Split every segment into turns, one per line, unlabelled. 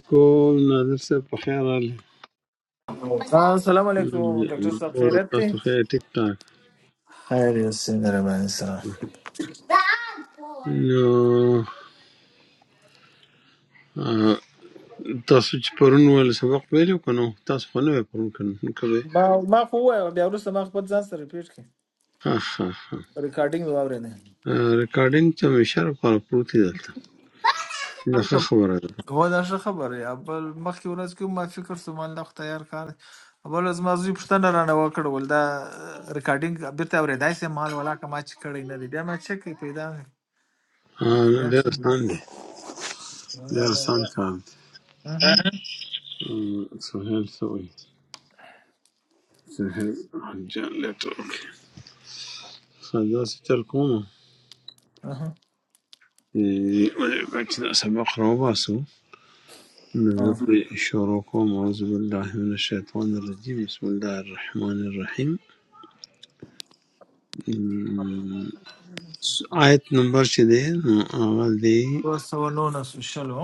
کول نادر صاحب په خیر راغلی
हाँ सलाम علیکم ډاکټر صاحب
وړه
خیرت دی
تاسو خیر ټیک ټاک
خیر یو سیند را باندې سره
نو آه، تاسو چې پرون ول سبق ویلو کنو تاسو خو نه وی پرون کنو نو کوي
ما ما خو وایو بیا وروسته ما خپل ځان سره ریپیټ کړ
ها ها ها
ریکارډینګ مې واورېده
ریکارډینګ ته مې شر په پروت دی دلته دا ښه خبره ده
هو دا ښه خبره یا بل مخکې ورځ کې ما فکر سو مال له تیار کار بل از ما زوی پښتنه را نه وکړ ول دا ریکارډینګ بیرته اورېدای سي مال ولا کما چې کړی نه دی بیا ما چک کې پیدا
آه،
نه بیا
نو ډېر
چې
آسان دی ډېر آسان کار دی آه، سهیل څه وایي سهیل جان لیټر اوکې ښه داسې چل کوم چې
اها،
ولې چې دا سبق راوباسو من
اه.
يطفئ شروقهم أعوذ بالله من الشيطان الرجيم بسم الله الرحمن الرحيم م، آيت نمبر شدي أول دي
تو سوالونه سوشل هو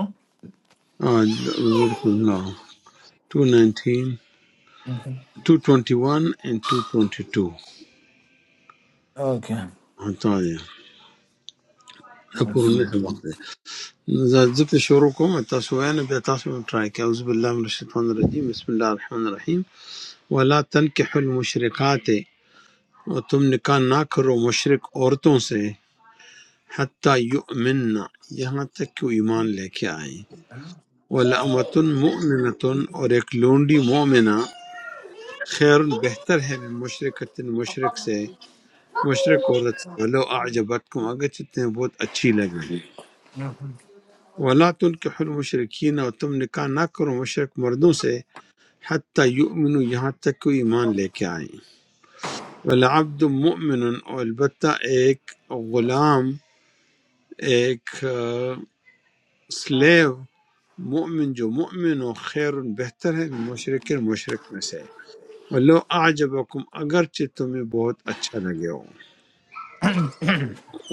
آه، بذلك الله 219 221 and 222
اوکې
عطايا أقول
مشکل.
لك بعضي إذا زدت شروقهم التسوين بتسوين ترايك أعوذ بالله من الشيطان الرجيم بسم الله الرحمن الرحيم ولا تنكحوا المشركات और तुम निकाह ना करो मुशरिक औरतों से حتیٰ یؤمننا یہاں تک کہ وہ ایمان لے کے آئیں ولامت مؤمنتن اور ایک لونڈی مومنہ خیر بہتر ہے من مشرکت مشرک سے مشرک عورت سے ولو اعجبت کم اگرچہ تمہیں بہت اچھی لگے ولا تنکح المشرکین اور تم نکاح نہ کرو مشرک مردوں سے حتیٰ یؤمنوا یہاں تک کہ وہ ایمان لے کے آئیں ولعبد مؤمن اور البتہ ایک غلام ایک سلیو مومن جو مومن ہو خیر بہتر ہے مشرق مشرق میں سے ولو اعجبکم اگرچہ تمہیں بہت اچھا لگے ہو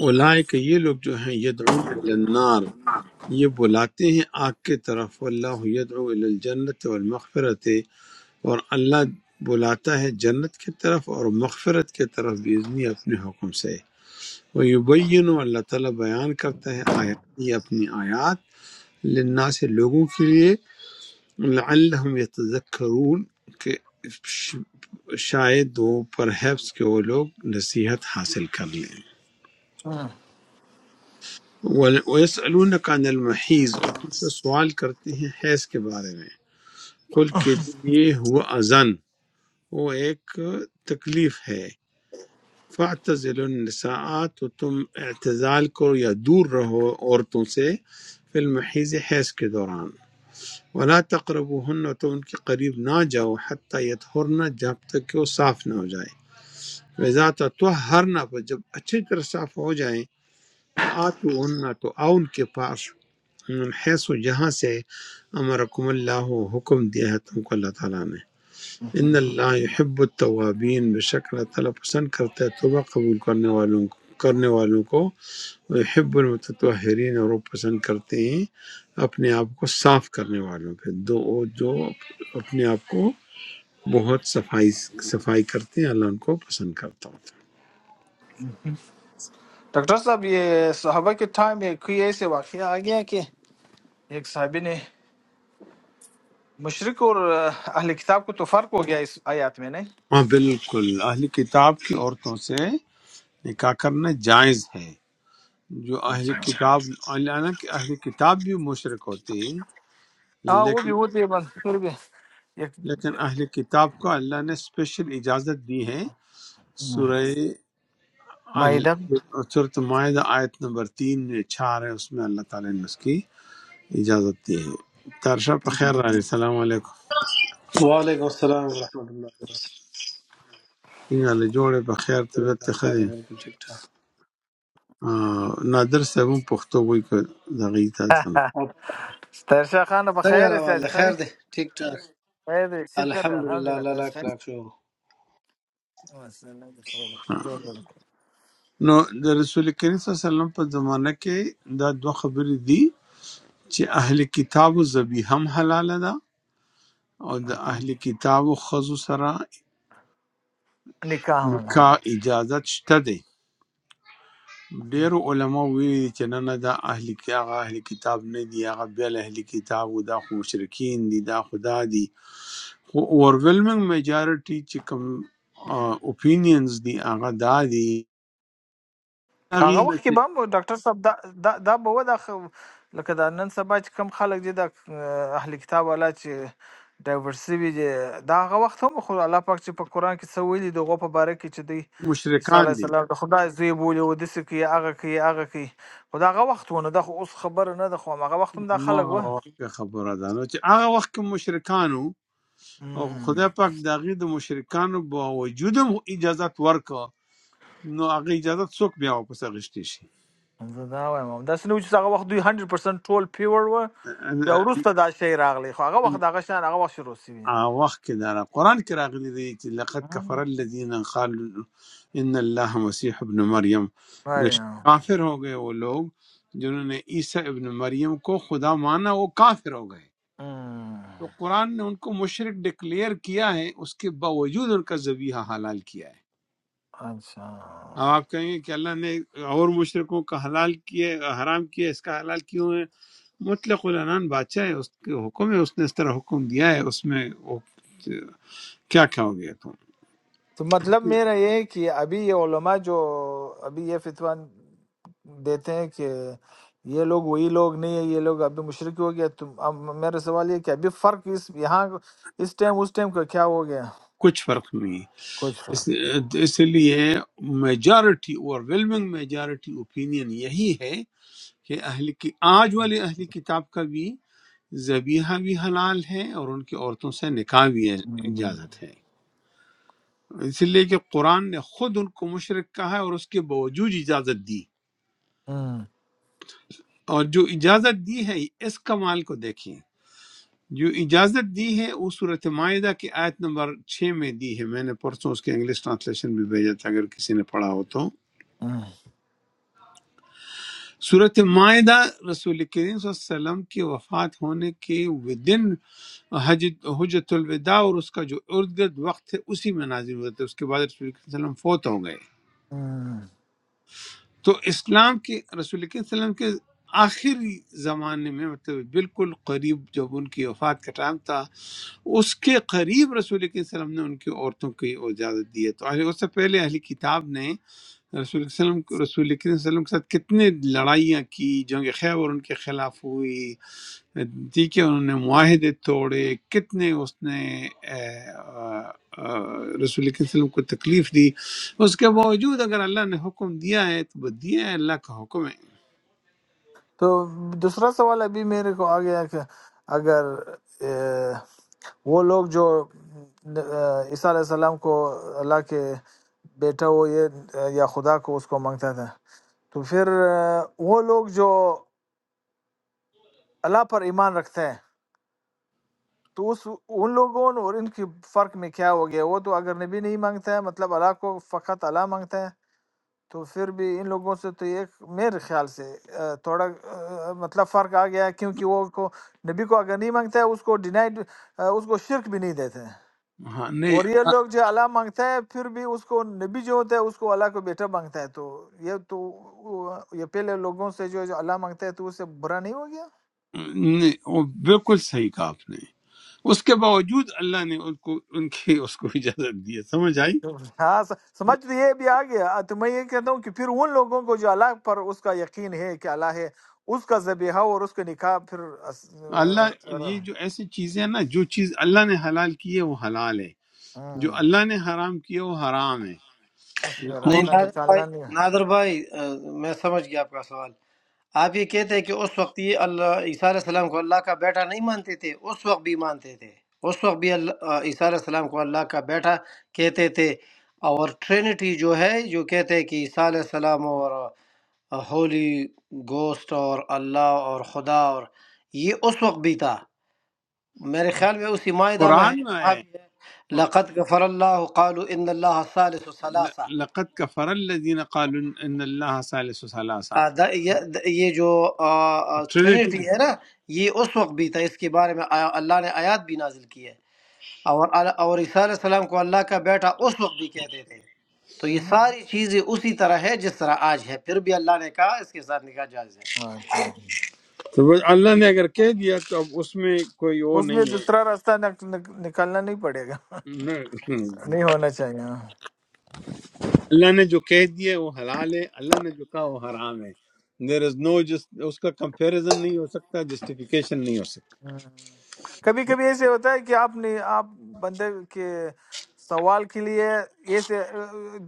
اولائک یہ لوگ جو ہیں یدعون الی النار یہ بلاتے ہیں آگ کے طرف اللہ یدعو الی الجنت والمغفرت اور اللہ بلاتا ہے جنت کی طرف اور مغفرت کی طرف بیزنی اپنے حکم سے وہ یبین اللہ تعالیٰ بیان کرتا ہے آیات یہ اپنی آیات للناس لوگوں کے لیے لعلہم یتذکرون کہ شاید وہ پرہیپس کہ وہ لوگ نصیحت حاصل کر لیں وَيَسْأَلُونَكَ عَنِ الْمَحِيزِ اور تم سے سوال کرتے ہیں حیض کے بارے میں قل کہ یہ ہوا ازن وہ ایک تکلیف ہے فَاعْتَزِلُ النِّسَاءَ تو تم اعتزال کرو یا دور رہو عورتوں سے فی المحیض حیض کے دوران ولا تقربوهن تو ان کے قریب نہ جاؤ حتیٰ یطہرن جب تک کہ وہ صاف نہ ہو جائیں وَإِذَا تطہرن پر جب اچھی طرح صاف ہو جائیں فآتوہن تو آؤ ان کے پاس من حیث و جہاں سے امرکم اللہ حکم دیا ہے تم کو اللہ تعالیٰ نے ان اللہ یحب التوابین بے شک اللہ تعالیٰ پسند کرتا ہے توبہ قبول کرنے والوں کو کرنے والوں کو یحب المتطہرین اور وہ پسند کرتے ہیں اپنے آپ کو صاف کرنے والوں پہ دو جو اپنے آپ کو بہت صفائی صفائی کرتے ہیں اللہ ان کو پسند کرتا ہوتا
ڈاکٹر صاحب یہ صحابہ کے ٹائم میں کوئی ایسے واقعہ آ گیا کہ ایک صحابی نے مشرق اور اہل کتاب کو تو فرق ہو گیا اس آیات میں نہیں
ہے ہاں بالکل اہل کتاب کی عورتوں سے نکاح کرنا جائز ہے جو اہل
اچھا
کتاب اللہ اہل کتاب بھی مشرق ہوتے ہیں
ہاں وہ
لیکن
بھی ہوتی ہے بس پھر بھی ایک
لیکن اہل کتاب کو اللہ نے اسپیشل اجازت دی ہے سورہ ال-
مائدہ
سورۃ معاہدہ آیت نمبر تین میں چار ہے اس میں اللہ تعالیٰ نے اس کی اجازت دی ہے ترشا پہ خیر رہا السلام علیکم
وعلیکم السلام ورحمۃ اللہ
څنګه له جوړې په خیر طبیعت
وبرکاتہ
ته ښه
خیر دے
دی؟
بالکل ٹھیک ٹھاک
آه، نادر صاحب هم پښتو وایي که دغه یې ته ده.
اور
تیرشا خان بخیر
څنګه
ہے سیاج
راواله
خری
خیر دے ٹھیک ٹھاک
خیر ہے، شکر الحمد
الحمدللہ
للہ
اللہ
تاج
لاکھ
خیر
لاکھ شو
ہے، السلام علیکم، خیر ہے۔ جو بھی
نو د رسول کریم صلی الله علیه وسلم په زمانه کې دا دوه خبرې دي چې اهل کتابو ذبیحه هم حلاله ده او د
ہو۔
اهل کتابو خزو سره
نکاح ہونا
کا اجازت شته دی ډیرو علماو ویلي دي چې نه نه دا اهل کی- هغه اهل کتاب نه دي هغه بل اهل کتاب و دا خو مشرکین دي دا خدا دي خو اورولمنګ میجارټي چې کوم اوپینینز دي هغه دا دي
په هغه
هغه نه
وخت کې به
چې
هم ډاکټر صاحب دا دا, دا به و دا خو- لکه دا نن سبا چې کم خلک دي دا اه، اهل کتاب والا چې ډایورس وي دي دا هغه وخت هم خو الله پاک چې په قران کې څه ویلي دغه په باره کې چې دی عیسی
مشرکان
علیه
دي
السلام د خدای زوی بولی و دسه کې هغه کې هغه کې خو دا هغه وخت ونه دا خو اوس خبره نه ده خو هغه وخت هم دا
ما
خلک و
هغه وخت کې خبره ده نو چې هغه وخت کې مشرکانو او
مم،
خدای پاک د هغې د مشرکانو با وجود هم اجازت ورکړه نو هغه اجازت څوک بیا واپس اخیستی شي
زه دا وایم همداسې نه و چې هغه وخت دوی 100% ټول پیور و بیا وروسته دا شی راغلی خو هغه وخت دغه شان هغه وخت شروع
آ وخت کې دا را- قرآن کې راغلي دی چې لقد کفر الذين قالوا ان الله مسیح ابن مریم بے شک
شوی
کافر ہو گئے وہ لوگ جنہوں نے عیسیٰ ابن مریم کو خدا مانا وہ کافر ہو گئے
ہوں،
تو قرآن نے ان کو مشرک ڈکلیئر کیا ہے اس کے باوجود ان کا ذبیحہ حلال کیا ہے
اچھا
اب آپ کہیں گے کہ اللہ نے اور مشرکوں کا حلال کیا ہے، حرام کیا ہے، اس کا حلال کیوں ہے مطلق العنان بادشاہ ہے اس کے حکم ہے اس نے اس طرح حکم دیا ہے اس میں وہ کیا کیا ہو گیا تم
تو مطلب میرا یہ ہے کہ ابھی یہ علماء جو ابھی یہ فتویٰ دیتے ہیں کہ یہ لوگ وہی لوگ نہیں ہے یہ لوگ ابھی مشرک ہو گیا تو اب میرا سوال یہ ہے کہ ابھی فرق اس یہاں اس ٹائم اس ٹائم کا کیا ہو گیا
کچھ فرق نہیں
کچھ
اس
فرق
اس لیے میجارٹی اور ویلمنگ میجارٹی اوپینین یہی ہے کہ اہل کی آج والے اہل کتاب کا بھی ذبیحہ بھی حلال ہے اور ان کی عورتوں سے نکاح بھی
ہوں،
اجازت ہے اس لیے کہ قرآن نے خود ان کو مشرق کہا ہے اور اس کے باوجود اجازت دی
ہوں،
اور جو اجازت دی ہے اس کمال کو دیکھیں جو اجازت دی ہے وہ صورت معاہدہ کی آیت نمبر چھ میں دی ہے میں نے پرسوں اس کے انگلش ٹرانسلیشن بھی بھیجا تھا اگر کسی نے پڑھا ہو تو
ہوں،
صورت معاہدہ رسول کریم صلی اللہ علیہ وسلم کی وفات ہونے کے ودن حج حجت الوداع اور اس کا جو ارد گرد وقت ہے اسی میں نازل ہوئے تھے اس کے بعد رسول کریم صلی اللہ علیہ وسلم فوت ہو گئے
ہوں۔
تو اسلام کے رسول اکرم صلی اللہ علیہ وسلم کے آخری زمانے میں مطلب بالکل قریب جب ان کی وفات کا ٹائم تھا اس کے قریب رسول اکرم صلی اللہ علیہ وسلم نے ان کی عورتوں کی اجازت دی ہے تو اہل- اس سے پہلے اہلی کتاب نے رسول اکرم صلی اللہ علیہ وسلم رسول اکرم صلی اللہ علیہ وسلم کے ساتھ کتنے لڑائیاں کی جنگ خیبر ان کے خلاف ہوئی دی کہ انہوں نے معاہدے توڑے کتنے اس نے اے، آ، آ، رسول اللہ صلی اللہ علیہ وسلم کو تکلیف دی اس کے باوجود اگر اللہ نے حکم دیا ہے تو وہ دیا ہے اللہ کا حکم ہے
تو دوسرا سوال ابھی میرے کو آ گیا کہ اگر وہ لوگ جو آ، عیسیٰ علیہ السلام کو اللہ کے بیٹا وہ یہ آ، یا خدا کو اس کو مانگتا تھا تو پھر آ، وہ لوگ جو اللہ پر ایمان رکھتے ہیں تو اس ان لوگوں اور ان کی فرق میں کیا ہو گیا وہ تو اگر نبی نہیں مانگتے ہیں مطلب اللہ کو فقط اللہ مانگتے ہیں تو پھر بھی ان لوگوں سے تو ایک میرے خیال سے آ، تھوڑا آ، مطلب فرق آ گیا ہے کیونکہ وہ کو نبی کو اگر نہیں مانگتے ہیں اس کو ڈینائڈ اس کو شرک بھی نہیں دیتے ہیں
ہاں نہیں
اور یہ
آ،
لوگ جو اللہ مانگتا ہے پھر بھی اس کو نبی جو ہوتا ہے اس کو اللہ کو بیٹا مانگتا ہے تو یہ تو یہ پہلے لوگوں سے جو جو اللہ مانگتا ہے تو اس سے برا نہیں ہو گیا
نہیں، وہ بالکل صحیح کہا آپ نے اس کے باوجود اللہ نے ان کو ان کی اس کو اجازت دی ہے سمجھ آئی
ہاں س- سمجھ تو یہ بھی آ گیا تو میں یہ کہتا ہوں کہ پھر ان لوگوں کو جو اللہ پر اس کا یقین ہے کہ اللہ ہے اس کا ذبیحہ اور اس کا نکاح پھر اس
اللہ یہ جو ایسی چیزیں ہیں نا جو چیز اللہ نے حلال کی ہے وہ حلال ہے جو
ہاں،
اللہ نے حرام کیا وہ حرام ہے
اس میں
نہیں
اور
راستہ
نادر بھائی
نکالنا نہیں
نادر بھائی آ، میں سمجھ گیا آپ کا سوال آپ یہ کہتے ہیں کہ اس وقت یہ اللہ عیسیٰ علیہ السلام کو اللہ کا بیٹا نہیں مانتے تھے اس وقت بھی مانتے تھے اس وقت بھی اللہ آ، عیسیٰ علیہ السلام کو اللہ کا بیٹا کہتے تھے اور ٹرینٹی جو ہے جو کہتے ہیں کہ عیسیٰ علیہ السلام اور آ، ہولی گوسٹ اور اللہ اور خدا اور یہ اس وقت بھی تھا میرے خیال میں اسی معاہدہ میں ہے
قرآن میں آیا
جہاں بھی ہے
ہے
لقد غفر اللہ قالوا ان اللہ ثالث
ل-
ثلاثہ
لقد کفر الذین قالوا ان اللہ ثالث ثلاثہ
آ، دا- یہ دا- یہ جو آ، آ،
ٹرینیٹی
ٹرینیٹی ہے نا یہ اس وقت بھی تھا اس کے بارے میں آیا- اللہ نے آیات بھی نازل کی ہے اور ال- اور عیسیٰ علیہ السلام کو اللہ کا بیٹا اس وقت بھی کہتے تھے تو یہ
ہوں۔
ساری چیزیں اسی طرح ہے جس طرح آج ہے پھر بھی اللہ نے کہا اس کے ساتھ نکاح جائز ہے
ہاں ٹھیک ہے۔
تو بس اللہ نے اگر کہہ دیا تو اب اس میں کوئی وہ
اس میں
نہیں ہے
دوسرا راستہ نک- نک- نکالنا نہیں پڑے گا
نہ۔
نہیں ہونا چاہیے ہاں۔
اللہ نے جو کہہ دیا وہ حلال ہے اللہ نے جو کہا وہ حرام ہے دیر از نو جس اس کا کمپیریزن نہیں ہو سکتا جسٹیفیکیشن نہیں ہو سکتا
کبھی کبھی ایسے ہوتا ہے کہ آپ نے آپ بندے کے سوال کے لیے ایسے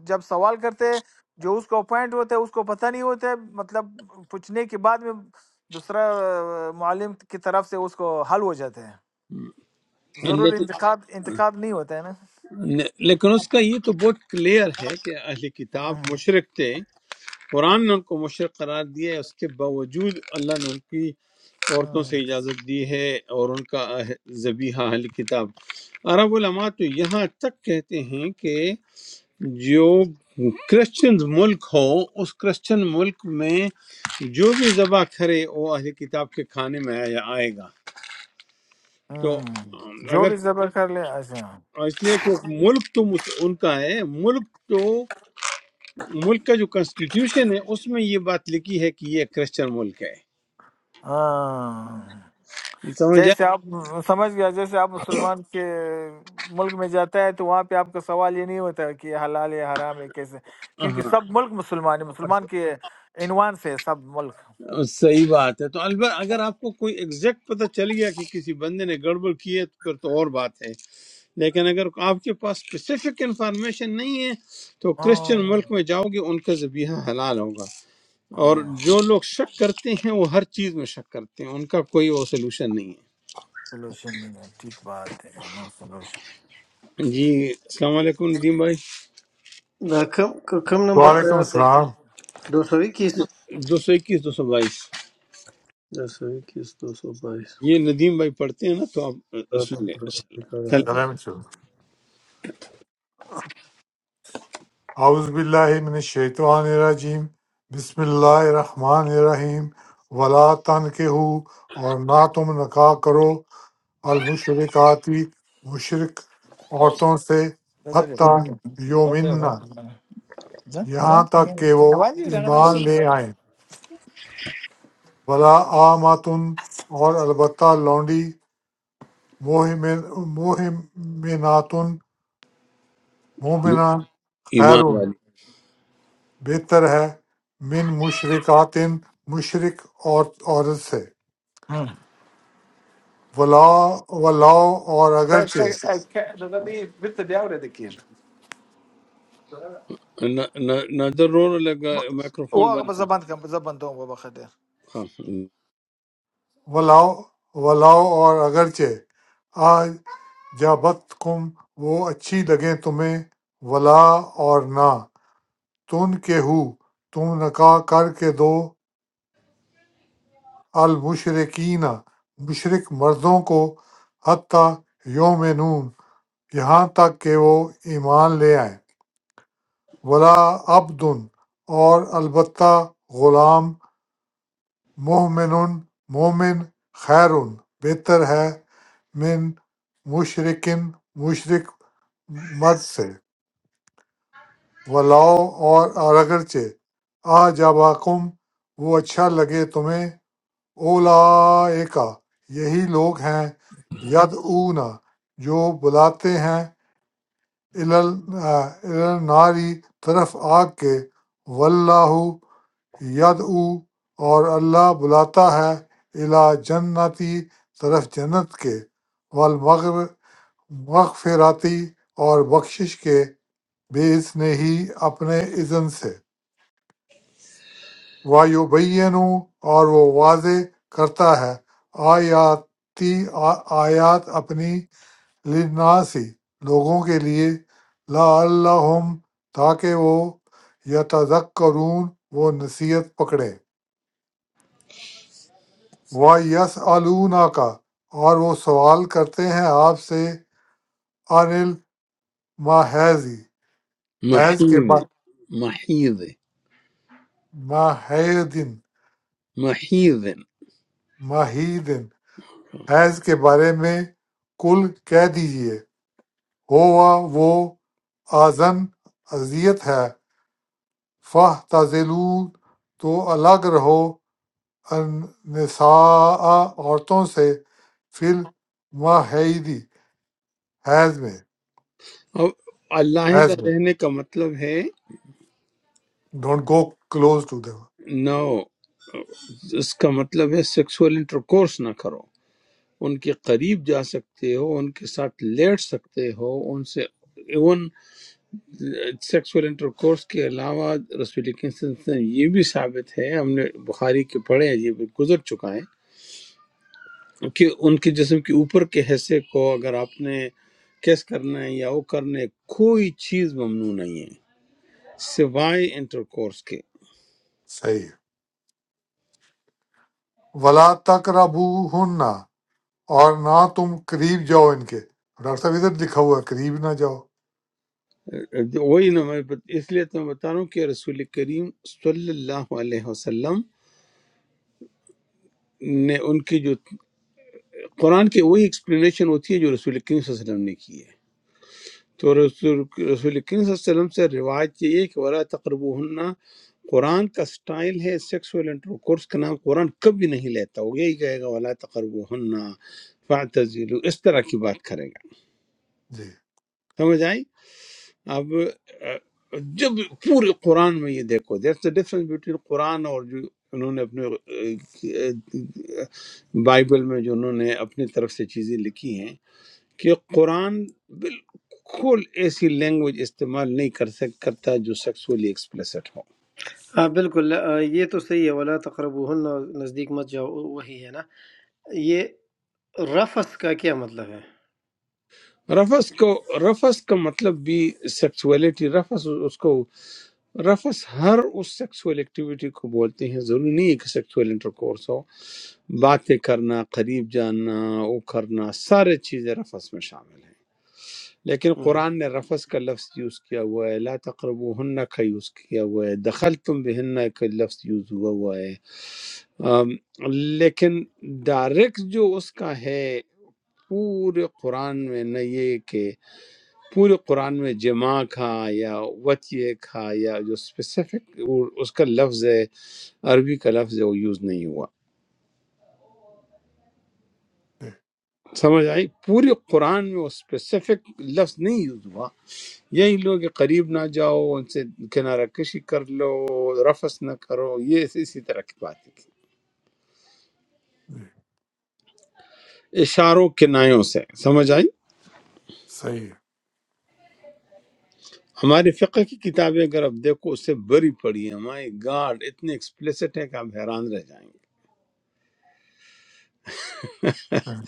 جب سوال کرتے ہیں، جو اس کو اپوائنٹ ہوتا ہے اس کو پتہ نہیں ہوتا ہے مطلب پوچھنے کے بعد میں دوسرا معلم کی طرف سے اس کو حل ہو جاتے ہیں ضرور انتقاد انتقاد نہیں ہوتا ہے نا
لیکن لیکن اس کا یہ تو بہت کلیئر ہے کہ اہل کتاب
ہاں،
مشرک تھے قرآن نے ان کو مشرق قرار دیا ہے اس کے باوجود اللہ نے ان کی عورتوں
ہاں،
سے اجازت دی ہے اور ان کا اہ- ذبیحہ اہل کتاب عرب علماء تو یہاں تک کہتے ہیں کہ جو کرسچن ملک ہو اس کرسچن ملک میں جو بھی ذبح کرے وہ اہل کتاب کے کھانے میں آیا- آئے گا تو
ہاں۔ جو
اگر
بھی زبر کر لے ایسا
اس لیے کہ ملک تو مس- ان کا ہے ملک تو ملک کا جو کنسٹیٹیوشن ہے اس میں یہ بات لکھی ہے کہ یہ کرسچن ملک ہے
ہاں
سمجھ
جیسے
جائے
آپ سمجھ گیا جیسے آپ مسلمان کے ملک میں جاتا ہے تو وہاں پہ آپ کا سوال یہ نہیں ہوتا کہ یہ حلال ہے حرام ہے کیسے کیونکہ
ہاں
سب ملک مسلمان ہے مسلمان کے عنوان سے ہے سب ملک
صحیح بات ہے تو البتہ اگر آپ کو کوئی ایگزیکٹ پتہ چل گیا کہ کسی بندے نے گڑبڑ کی ہے تو پھر تو اور بات ہے لیکن اگر آپ کے پاس اسپیسیفک انفارمیشن نہیں ہے تو کرسچن
ہاں
ملک میں جاؤ گے ان کا ذبیحہ حلال ہوگا اور
ہاں
جو لوگ شک کرتے ہیں وہ ہر چیز میں شک کرتے ہیں ان کا کوئی وہ سلوشن نہیں
سولوشن نہیں ہے ٹھیک بات ہے نو سولوشن
ہے جی السلام علیکم ندیم بھائی
آ، کم کم نمبر
وعلیکم
آیات ہے
السلام
دو سو اکیس
دو سو اکیس دو سو بائیس
دو سو اکیس دو سو بائیس
یہ ندیم بھائی پڑھتے ہیں نا تو آپ اس میں لیں- چلیں
سلام چلو اعوذ باللہ من الشیطان الرجیم بسم اللہ الرحمن الرحیم ولا تنکہو اور نہ تم نکاح کرو المشرکاتی مشرک عورتوں سے
غزل ہے،
حتیٰ
بند سے- اور جو غزل
یومن
ہے، بند سے بنا۔ جا،
یہاں
حرام کیا
تک
ہے؟
کہ وہ
آواز ہی رنگ رہا
ایمان
سی۔
لے آئیں ولا آماتن اور البتہ لونڈی موہمن موہمناتن مومنہ خیر
ایمان والی
بہتر ہے من مشرکات مشرک اور عورت سے
ہاں۔
ولا ولاؤ اور
سر، سر،
اگرچہ
اے، کیا- غزل نہیں، بنت دیاور ہے دیکھیے۔
ن- ن- نادر رونے لگا مائکروفون
وہ
بند کر
زبان کا زبان دو وہ بخت
ہاں
ولاؤ ولاؤ اور اگرچہ آج جابت کم وہ اچھی لگیں تمہیں ولا اور نہ تم کے ہو تم نکاح کر کے دو المشرقین مشرق مردوں کو حتیٰ یوم نون یہاں تک کہ وہ ایمان لے آئیں ولا عبد اور البتہ غلام مؤمن مومن خیر بہتر ہے من مشرکن مشرک مرد سے ولاؤ اور اور اگرچہ آ جاباکم وہ اچھا لگے تمہیں اولا یہی لوگ ہیں ید اونا جو بلاتے ہیں الناری طرف آگ کے واللہ ید او اور اللہ بلاتا ہے الا جنتی طرف جنت کے والمغر مغفراتی اور بخشش کے بے نے ہی اپنے اذن سے وایوبین اور وہ واضح کرتا ہے آیاتی آ- آیات اپنی لناسی لوگوں کے لیے لا اللہ تاکہ وہ یتذکرون وہ نصیحت پکڑیں و یس کا اور وہ سوال کرتے ہیں آپ سے انل ماحیزی حیض کے
محیض
با
محیض
ماہیدن
محیض
ماہیدن حیض کے بارے میں کل کہہ دیجئے ہوا وہ آزن اذیت ہے فہ تو الگ رہو نساء عورتوں سے فل ماہیدی حیض میں
اب علیحدہ
حیض میں
رہنے کا مطلب ہے
ڈونٹ گو کلوز ٹو دم
نہ اس کا مطلب ہے سیکسول انٹرکورس نہ کرو ان کے قریب جا سکتے ہو ان کے ساتھ لیٹ سکتے ہو ان سے ایون سیکسول انٹرکورس کے علاوہ رسول اکرم صلی اللہ علیہ وسلم یہ بھی ثابت ہے ہم نے بخاری کے پڑھے ہیں یہ بھی گزر چکا ہے کہ ان کے جسم کے اوپر کے حصے کو اگر آپ نے کیس کرنا ہے یا وہ کرنا ہے کوئی چیز ممنوع نہیں ہے سوائے انٹر کورس کے
صحیح ہے ولا تقربو اور نہ تم قریب جاؤ ان کے ڈاکٹر صاحب ادھر لکھا ہوا ہے قریب نہ جاؤ
وہی نا میں بت- اس لیے تو میں بتا رہا ہوں کہ رسول کریم صلی اللہ علیہ وسلم نے ان کی جو قرآن کی وہی ایکسپلینیشن ہوتی ہے جو رسول کریم صلی اللہ علیہ وسلم نے کی ہے تو رسول رسول کریم صلی اللہ علیہ وسلم سے روایت یہ ہے کہ ولا تقربو قرآن کا سٹائل ہے سیکسول انٹر کورس کا نام قرآن کبھی نہیں لیتا وہ یہی کہے گا ولا تقربو ہننا اس طرح کی بات کرے گا
جی
سمجھ آئی اب اہ، جب پورے قرآن میں یہ دیکھو دیٹس دا ڈفرنس بٹوین قرآن اور جو انہوں نے اپنے اہ، بائبل میں جو انہوں نے اپنی طرف سے چیزیں لکھی ہیں کہ قرآن بالکل ایسی لینگویج استعمال نہیں کر سک کرتا جو سیکسولی ایکسپلیسٹ ہو
ہاں بالکل آ، یہ تو صحیح ہے ولا تقرب نزدیک مت جاؤ وہی ہے نا یہ رفس کا کیا مطلب ہے
رفس کو رفس کا مطلب بھی سیکسولیٹی رفس اس کو رفس ہر اس سیکسول ایکٹیویٹی کو بولتے ہیں ضروری نہیں ہے کہ سیکسول انٹرکورس ہو باتیں کرنا قریب جانا وہ کرنا سارے چیزیں رفس میں شامل ہیں لیکن
ہم،
قرآن نے رفس کا لفظ یوز کیا ہوا ہے لا تقربوہن کا یوز کیا ہوا ہے دخل تم بہن کا لفظ یوز ہوا ہوا ہے آم، لیکن ڈائریکٹ جو اس کا ہے پورے قرآن میں نہ یہ کہ پورے قرآن میں جمع کا یا وط یہ کا یا جو اسپیسیفک اس کا لفظ ہے عربی کا لفظ ہے وہ یوز نہیں ہوا
جی
سمجھ آئی پورے قرآن میں وہ اسپیسیفک لفظ نہیں یوز ہوا یہی لوگ کہ قریب نہ جاؤ ان سے کنارہ کشی کر لو رفس نہ کرو یہ اسی اسی طرح کی باتیں
جی
تھی اشاروں کنایوں سے سمجھ آئی
صحیح
ہمارے فقہ کی کتابیں اگر آپ دیکھو اس سے بری پڑی ہیں مائی گاڈ اتنے ایکسپلیسٹ ہیں کہ آپ حیران رہ جائیں
ہے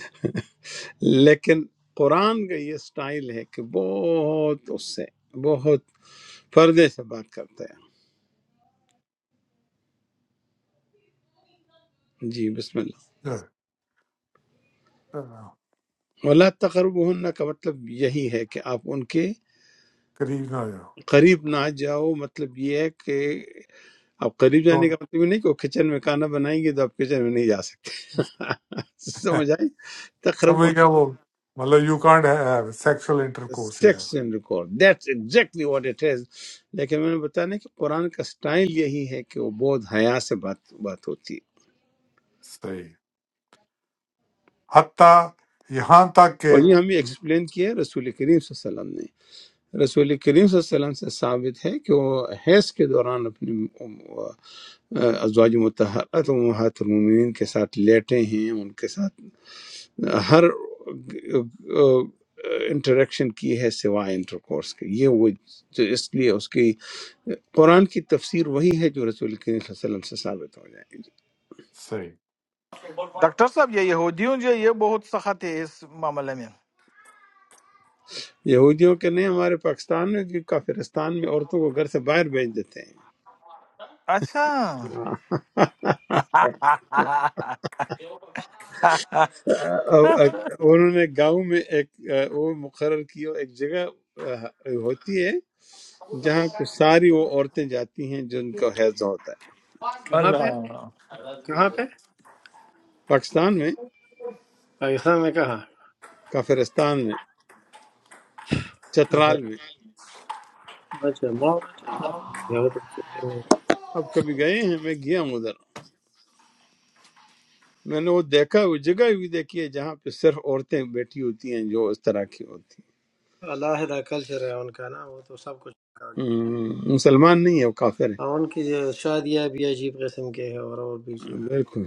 گے لیکن قرآن کا یہ سٹائل ہے کہ بہت اس سے بہت پردے سے بات کرتا ہے جی بسم اللہ
Yeah. Yeah.
ولا تقرب کا مطلب یہی ہے کہ آپ ان کے
قریب نہ جاؤ
قریب نہ جاؤ مطلب یہ ہے کہ آپ قریب جانے کا
Don't-
مطلب یہ نہیں کہ وہ کچن میں کھانا بنائیں گے تو آپ کچن میں نہیں جا سکتے سمجھ آئے
سمجھ گیا وہ مطلب you can't sexual intercourse یہ ہے۔
Sex and record that's exactly what it is لیکن میں نے بتایا نا کہ قرآن کا سٹائل یہی ہے کہ وہ بہت حیا سے بات بات ہوتی ہے
صحیح حتیٰ یہاں تک کہ
اور یہ ہمیں ایکسپلین کیا ہے رسول کریم صلی اللہ علیہ وسلم نے رسول کریم صلی اللہ علیہ وسلم سے ثابت ہے کہ وہ حیض کے دوران اپنی ام- ام- ازواج متحرات و محت المومنین کے ساتھ لیٹے ہیں ان کے ساتھ ہر انٹریکشن کی ہے سوائے انٹر کورس کے یہ وہ جو اس لیے اس کی قرآن کی تفسیر وہی ہے جو رسول کریم صلی اللہ علیہ وسلم سے ثابت ہو جائے گی
صحیح
ڈاکٹر صاحب یہ یہودیوں جو ہے، یہ بہت سخت ہے اس معاملے میں
یہودیوں کے نہیں ہمارے پاکستان میں بھی کافرستان میں عورتوں کو گھر سے باہر بھیج دیتے ہیں
اچھا
انہوں نے گاؤں میں ایک وہ مقرر کی ہو- ایک جگہ ہوتی ہے جہاں پہ ساری وہ عورتیں جاتی ہیں جن کا حیض ہوتا ہے
کہاں پہ
اللہ
کہاں پہ
پاکستان میں
پاکستان میں کہاں
کافرستان میں
اچھا
چترال میں
اچھا، ما وہ تو کافر ہو گیا وہ تو
اب کبھی گئے ہیں میں گیا ہوں ادھر میں نے وہ دیکھا ہے، وہ جگہ بھی دیکھی ہے جہاں پہ صرف عورتیں بیٹھی ہوتی ہیں جو اس طرح کی ہوتی
علیحدہ کلچر ہے ان کا نا وہ تو سب کچھ نکال
ہیں
دیا۔
ہم، مسلمان نہیں ہے وہ کافر ہے
اور ان کی جو شادیاں بھی عجیب قسم کے ہیں اور اور بھی چیز
بالکل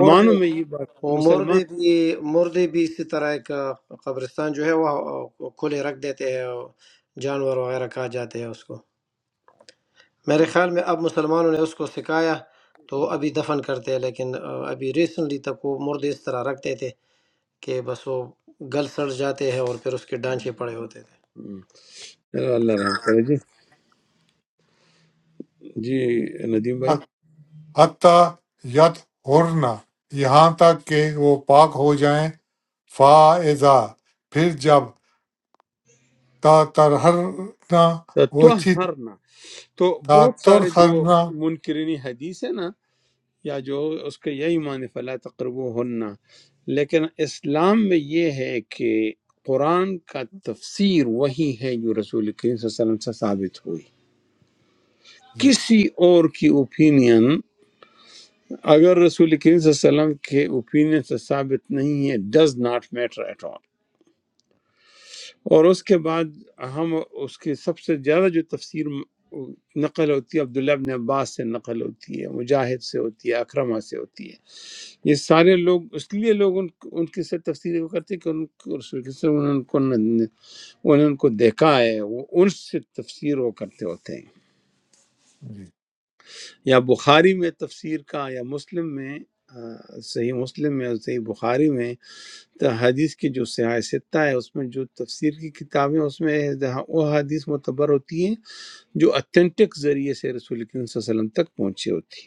مردے
میں یہ بات
وہ
مسلمان
مردے بھی مردے بھی اسی طرح کا قبرستان جو ہے وہ کھلے رکھ دیتے ہیں اور جانور وغیرہ کھا جاتے ہیں اس کو میرے خیال میں اب مسلمانوں نے اس کو سکھایا تو ابھی دفن کرتے ہیں لیکن آ، ابھی ریسنٹلی تک وہ مردے اس طرح رکھتے تھے کہ بس وہ گل سڑ جاتے ہیں اور پھر اس کے ڈانچے پڑے ہوتے تھے
ہم، چلو اللہ رحم کرے جی جی ندیم بھائی
حتیٰ ید ہرنا یہاں تک کہ وہ پاک ہو جائیں فائزہ پھر جب تا ترہرنا وہ
تو
چی
ہرنا تو
تا
بہت سارے جو
ترہرنا
منکرین حدیث ہے نا یا جو اس کا یہ ایمان ہے فلا تقرب ہن لیکن اسلام میں یہ ہے کہ قرآن کا تفسیر وہی ہے جو رسول کریم صلی اللہ علیہ وسلم سے ثابت ہوئی
جی
کسی اور کی اوپینین اگر رسول کریم صلی اللہ علیہ وسلم کے اوپینین سے ثابت نہیں ہے ڈز ناٹ میٹر ایٹ اور اس کے بعد ہم اس کی سب سے زیادہ جو تفسیر نقل ہوتی ہے عبداللہ ابن عباس سے نقل ہوتی ہے مجاہد سے ہوتی ہے اکرمہ سے ہوتی ہے یہ سارے لوگ اس لیے لوگ ان ان کی سے تفسیر وہ کرتے ہیں کہ ان کو رسول کے صلی اللہ علیہ وسلم نے ان کو انہوں نے ان کو دیکھا ہے وہ ان سے تفسیر وہ کرتے ہوتے ہیں
جی
یا بخاری میں تفسیر کا یا مسلم میں آ، صحیح مسلم میں اور صحیح بخاری میں تو حدیث کی جو سیاہ ستہ ہے اس میں جو تفسیر کی کتابیں اس میں جہاں وہ حدیث معتبر ہوتی ہیں جو اتھینٹک ذریعے سے رسول کریم صلی اللہ علیہ وسلم تک پہنچی ہوتی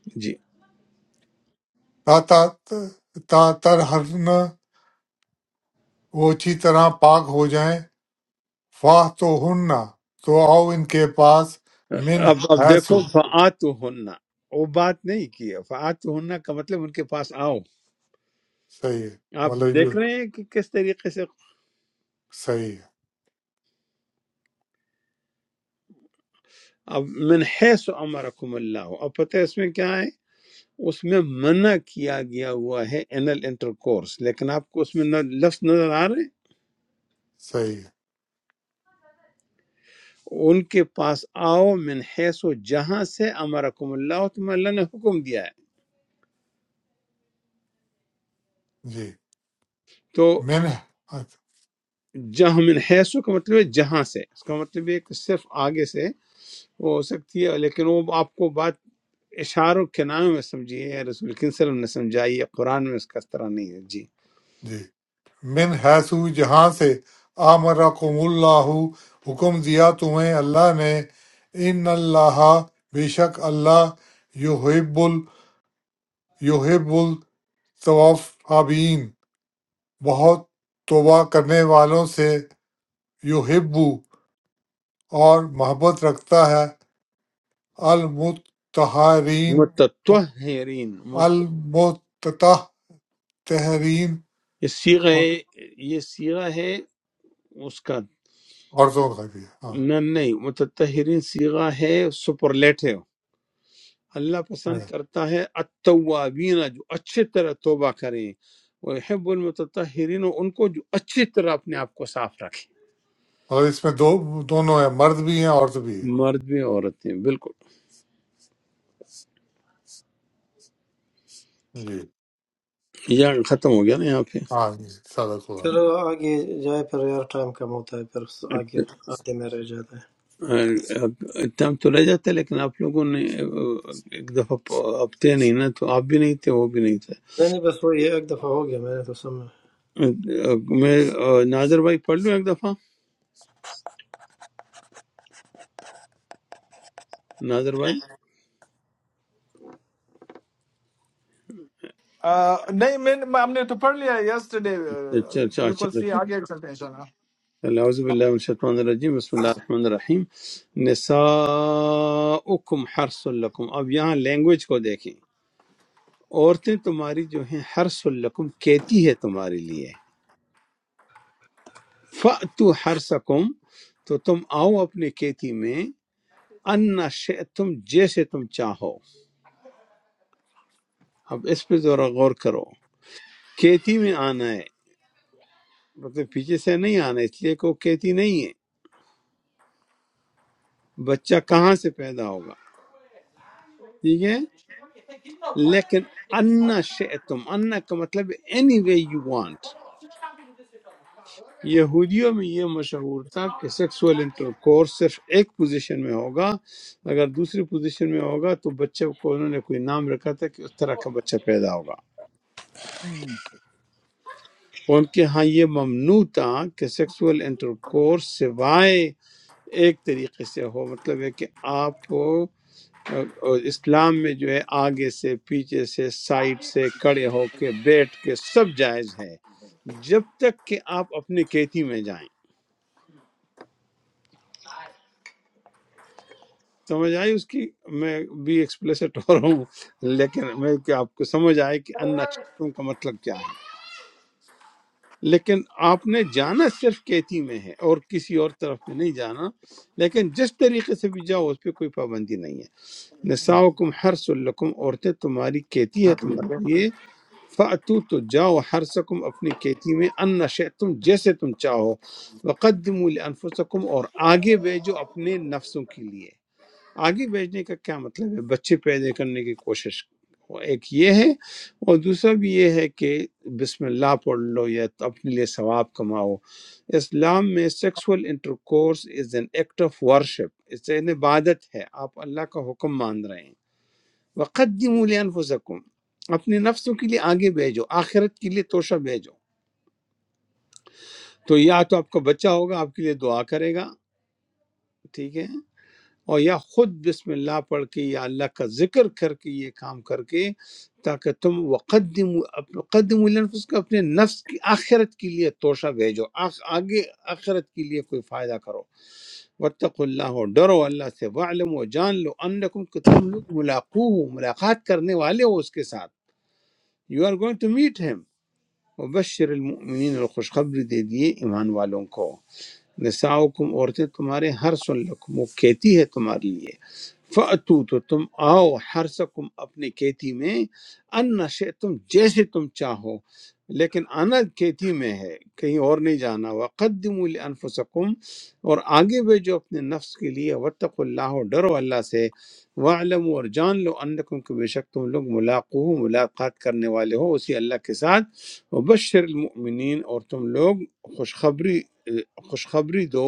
ہیں جی
تا تا تا ترہرنا وہ اچھی طرح پاک ہو جائیں فاہ تو ہننا تو آؤ ان کے پاس من
اب اب
حیثو
دیکھو فعات ہونا وہ بات نہیں کی ہے فعات ہونا کا مطلب ان کے پاس آؤ
صحیح ہے
آپ
مطلب یہ
دیکھ رہے ہیں کہ کس طریقے سے
صحیح ہے
اب من حیث امرکم اللہ اب پتہ ہے اس میں کیا ہے اس میں منع کیا گیا ہوا ہے انل انٹر کورس لیکن آپ کو اس میں نہ- لفظ نظر آ رہے ہیں
صحیح ہے
ان کے پاس آؤ من حیث و جہاں سے امرکم اللہ تم اللہ نے حکم دیا ہے
جی
تو
من
جہاں من حیث و کا مطلب ہے جہاں سے اس کا مطلب یہ کہ صرف آگے سے وہ ہو سکتی ہے لیکن وہ آپ کو بات اشاروں کے نام میں سمجھیے یا رسول کریم صلی اللہ علیہ وسلم نے سمجھائی ہے قرآن میں اس کا اس طرح نہیں ہے جی
جی من حیثو جہاں سے آمرکم اللہ حکم دیا تمہیں اللہ نے ان اللہ بے شک اللہ یحب ال یحب التوابین بہت توبہ کرنے والوں سے یحب اور محبت رکھتا ہے المتطہرین
متطہرین مت...
المتطہرین
یہ سیغہ ہے- یہ سیغہ ہے اس کا
عورتوں کا بھی ہے ہاں
نہ نہیں متطہرین سیغہ ہے سپرلیٹو اللہ پسند کرتا ہے التوابین جو اچھے طرح توبہ کریں وہ حب المتطہرین اور ان کو جو اچھی طرح اپنے آپ کو صاف رکھیں
اور اس میں دو دونوں ہیں مرد بھی ہیں عورت بھی
مرد بھی عورتیں بالکل
ہے جی
یہ ختم ہو گیا نا یہاں پہ
ہاں جی صدق اللہ
چلو آگے جائے پھر یار ٹائم کم ہوتا ہے پھر آگے آتے میں رہ جاتا ہے
اتنا ہم تو رہ جاتے لیکن آپ لوگوں نے ایک دفعہ اب تھے نہیں نا تو آپ بھی نہیں تھے وہ بھی نہیں تھے
نہیں نہیں بس وہ یہ ایک دفعہ ہو گیا میں نے تو سمجھا
میں ناظر بھائی پڑھ لوں ایک دفعہ ناظر بھائی
آ، نہیں میں نے- ہم نے تو پڑھ لیا یسٹرڈے
اچھا اچھا اچھا
بالکل سی
اچھا۔
آگے چلتے ہیں
اعوذ باللہ من الشیطان الرجیم بسم اللہ الرحمن الرحیم نساؤکم حرس لکم اب یہاں لینگویج کو دیکھیں عورتیں تمہاری جو ہیں حرس لکم کیتی ہے تمہارے لیے فأتو حرسکم تو تم آؤ اپنے کیتی میں انا شئتم جیسے تم چاہو اب اس پہ ذرا غور کرو کیتی میں آنا ہے مطلب پیچھے سے نہیں آنا اس لیے کہ وہ کیتی نہیں ہے بچہ کہاں سے پیدا ہوگا ٹھیک ہے لیکن انا شئتم انا کا مطلب اینی وے یو وانٹ یہودیوں میں یہ مشہور تھا کہ سیکسول انٹرکورس صرف ایک پوزیشن میں ہوگا اگر دوسری پوزیشن میں ہوگا تو بچے کو انہوں نے کوئی نام رکھا تھا کہ اس طرح کا بچہ پیدا ہوگا ان کے ہاں یہ ممنوع تھا کہ سیکسول انٹرکورس سوائے ایک طریقے سے ہو مطلب ہے کہ آپ کو آ، اسلام میں جو ہے آگے سے پیچھے سے سائڈ سے کڑے ہو کے بیٹھ کے سب جائز ہے جب تک کہ آپ اپنے کیتی میں جائیں سمجھ آئی اس کی میں بھی ایکسپلیسٹ ہو رہا ہوں لیکن میں کہ آپ کو سمجھ آئے کہ ان شکم کا مطلب کیا ہے لیکن آپ نے جانا صرف کیتی میں ہے اور کسی اور طرف میں نہیں جانا لیکن جس طریقے سے بھی جاؤ اس پہ کوئی پابندی نہیں ہے نساؤکم حرس لکم عورتیں تمہاری کیتی ہے
انشاءاللہ
تمہارے لیے فاتو تو جاؤ ہر سکم اپنی کھیتی میں ان نشے تم جیسے تم چاہو وقدم لانفسکم اور آگے بھیجو اپنے نفسوں کے لیے آگے بھیجنے کا کیا مطلب ہے بچے پیدا کرنے کی کوشش وہ ایک یہ ہے اور دوسرا بھی یہ ہے کہ بسم اللہ پڑھ لو یا اپنے لیے ثواب کماؤ اسلام میں sexual intercourse is an act of worship اس عبادت ہے آپ اللہ کا حکم مان رہے ہیں وقدموا لانفسکم اپنے نفسوں کے لیے آگے بھیجو آخرت کے لیے توشہ بھیجو تو یا تو آپ کا بچہ ہوگا آپ کے لیے دعا کرے گا ٹھیک ہے اور یا خود بسم اللہ پڑھ کے یا اللہ کا ذکر کر کے یہ کام کر کے تاکہ تم وقدم قدم النفس کو اپنے نفس کی آخرت کے لیے توشہ بھیجو آخ آگے آخرت کے لیے کوئی فائدہ کرو وتق اللہ اور ڈرو اللہ سے وعلم و جان لو انکم کہ تم لوگ ملاقو ہو، ملاقات کرنے والے ہو اس کے ساتھ you are going to meet him وبشر المؤمنين الخشخبر دادي إيمانويل لونكو. نساؤکم عورتیں تمہارے ہر سلکم وہ کھیتی ہے تمہارے لیے فاتو تو تم آؤ ہر سکم اپنے کھیتی میں ان نشے تم جیسے تم چاہو لیکن انا کھیتی میں ہے کہیں اور نہیں جانا وقدموا لانفسکم اور آگے بھیجو اپنے نفس کے لیے وتق اللہ اور ڈرو اللہ سے وعلم اور جان لو انکم کہ بے شک تم لوگ ملاقو ہو ملاقات کرنے والے ہو اسی اللہ کے ساتھ وبشر المؤمنین اور تم لوگ خوشخبری خوشخبری دو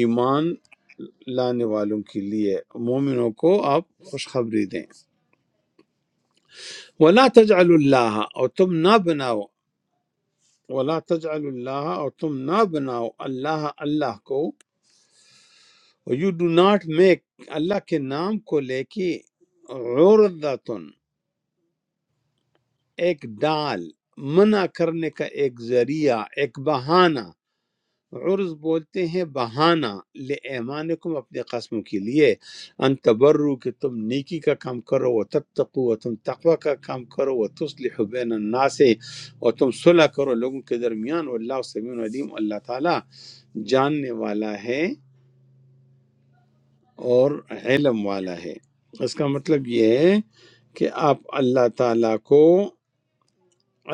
ایمان لانے والوں کے لیے مومنوں کو آپ خوشخبری دیں ولا تجعل اللہ اور تم نہ بناؤ ولا تجعل اللہ اور تم نہ بناؤ اللہ اللہ کو یو ڈو ناٹ میک اللہ کے نام کو لے کے عورتن ایک ڈال منع کرنے کا ایک ذریعہ ایک بہانہ عرض بولتے ہیں بہانہ لِعِمَانِكُمْ اپنے قسم کے لیے ان تبرو کہ تم نیکی کا کام کرو و تتقو و تم تقوی کا کام کرو و تصلح بین الناس اور تم صلح کرو لوگوں کے درمیان واللہ سمیع علیم اللہ تعالیٰ جاننے والا ہے اور علم والا ہے اس کا مطلب یہ ہے کہ آپ اللہ تعالیٰ کو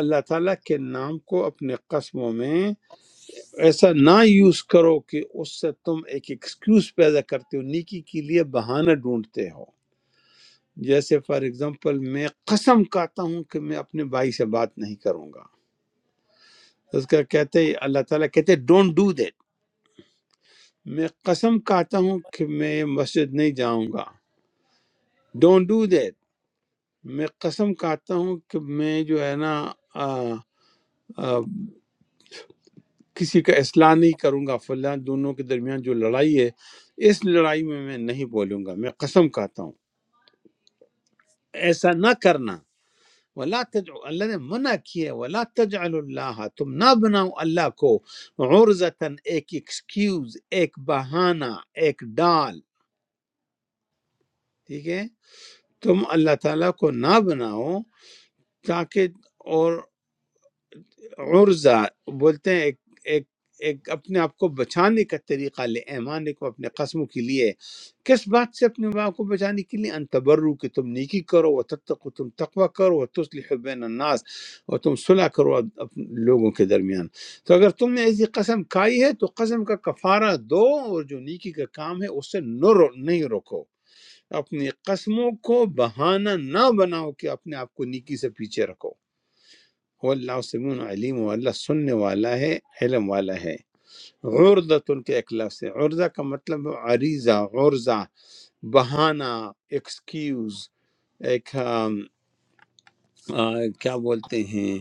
اللہ تعالیٰ کے نام کو اپنے قسموں میں ایسا نہ یوز کرو کہ اس سے تم ایک ایکسکیوز پیدا کرتے ہو نیکی کے لیے بہانہ ڈھونڈتے ہو جیسے فار ایگزامپل میں قسم کھاتا ہوں کہ میں اپنے بھائی سے بات نہیں کروں گا اس کا کہتے ہیں اللہ تعالیٰ کہتے ہیں ڈونٹ ڈو دیٹ میں قسم کھاتا ہوں کہ میں مسجد نہیں جاؤں گا ڈونٹ ڈو دیٹ میں قسم کھاتا ہوں کہ میں جو ہے نا آ, آ, کسی کا اصلاح نہیں کروں گا فلاں دونوں کے درمیان جو لڑائی ہے اس لڑائی میں میں نہیں بولوں گا میں قسم کھاتا ہوں ایسا نہ کرنا ولا تجعل اللہ نے منع کیا ولا تجعل اللہ تم نہ بناؤ اللہ کو عرضتاً ایک ایکسکیوز ایک بہانہ ایک ڈال ٹھیک ہے تم اللہ تعالیٰ کو نہ بناؤ تاکہ اور عرضہ بولتے ہیں ایک ایک ایک اپنے آپ کو بچانے کا طریقہ لے ایمان کو اپنے قسموں کے لیے کس بات سے اپنے آپ کو بچانے کے لیے ان تبرو کہ تم نیکی کرو وہ تتقو تم تقوی کرو وہ تصلح بین الناس اور تم صلح کرو اپنے لوگوں کے درمیان تو اگر تم نے ایسی قسم کھائی ہے تو قسم کا کفارہ دو اور جو نیکی کا کام ہے اس سے نہ رو نہیں روکو اپنی قسموں کو بہانہ نہ بناؤ کہ اپنے آپ کو نیکی سے پیچھے رکھو وہ اللہ سمون علیم وہ اللہ سننے والا ہے علم والا ہے غردت ان کے ایک لفظ ہے عرضہ کا مطلب ہے عریضہ غرضہ بہانہ ایکسکیوز ایک آم، آ، کیا بولتے ہیں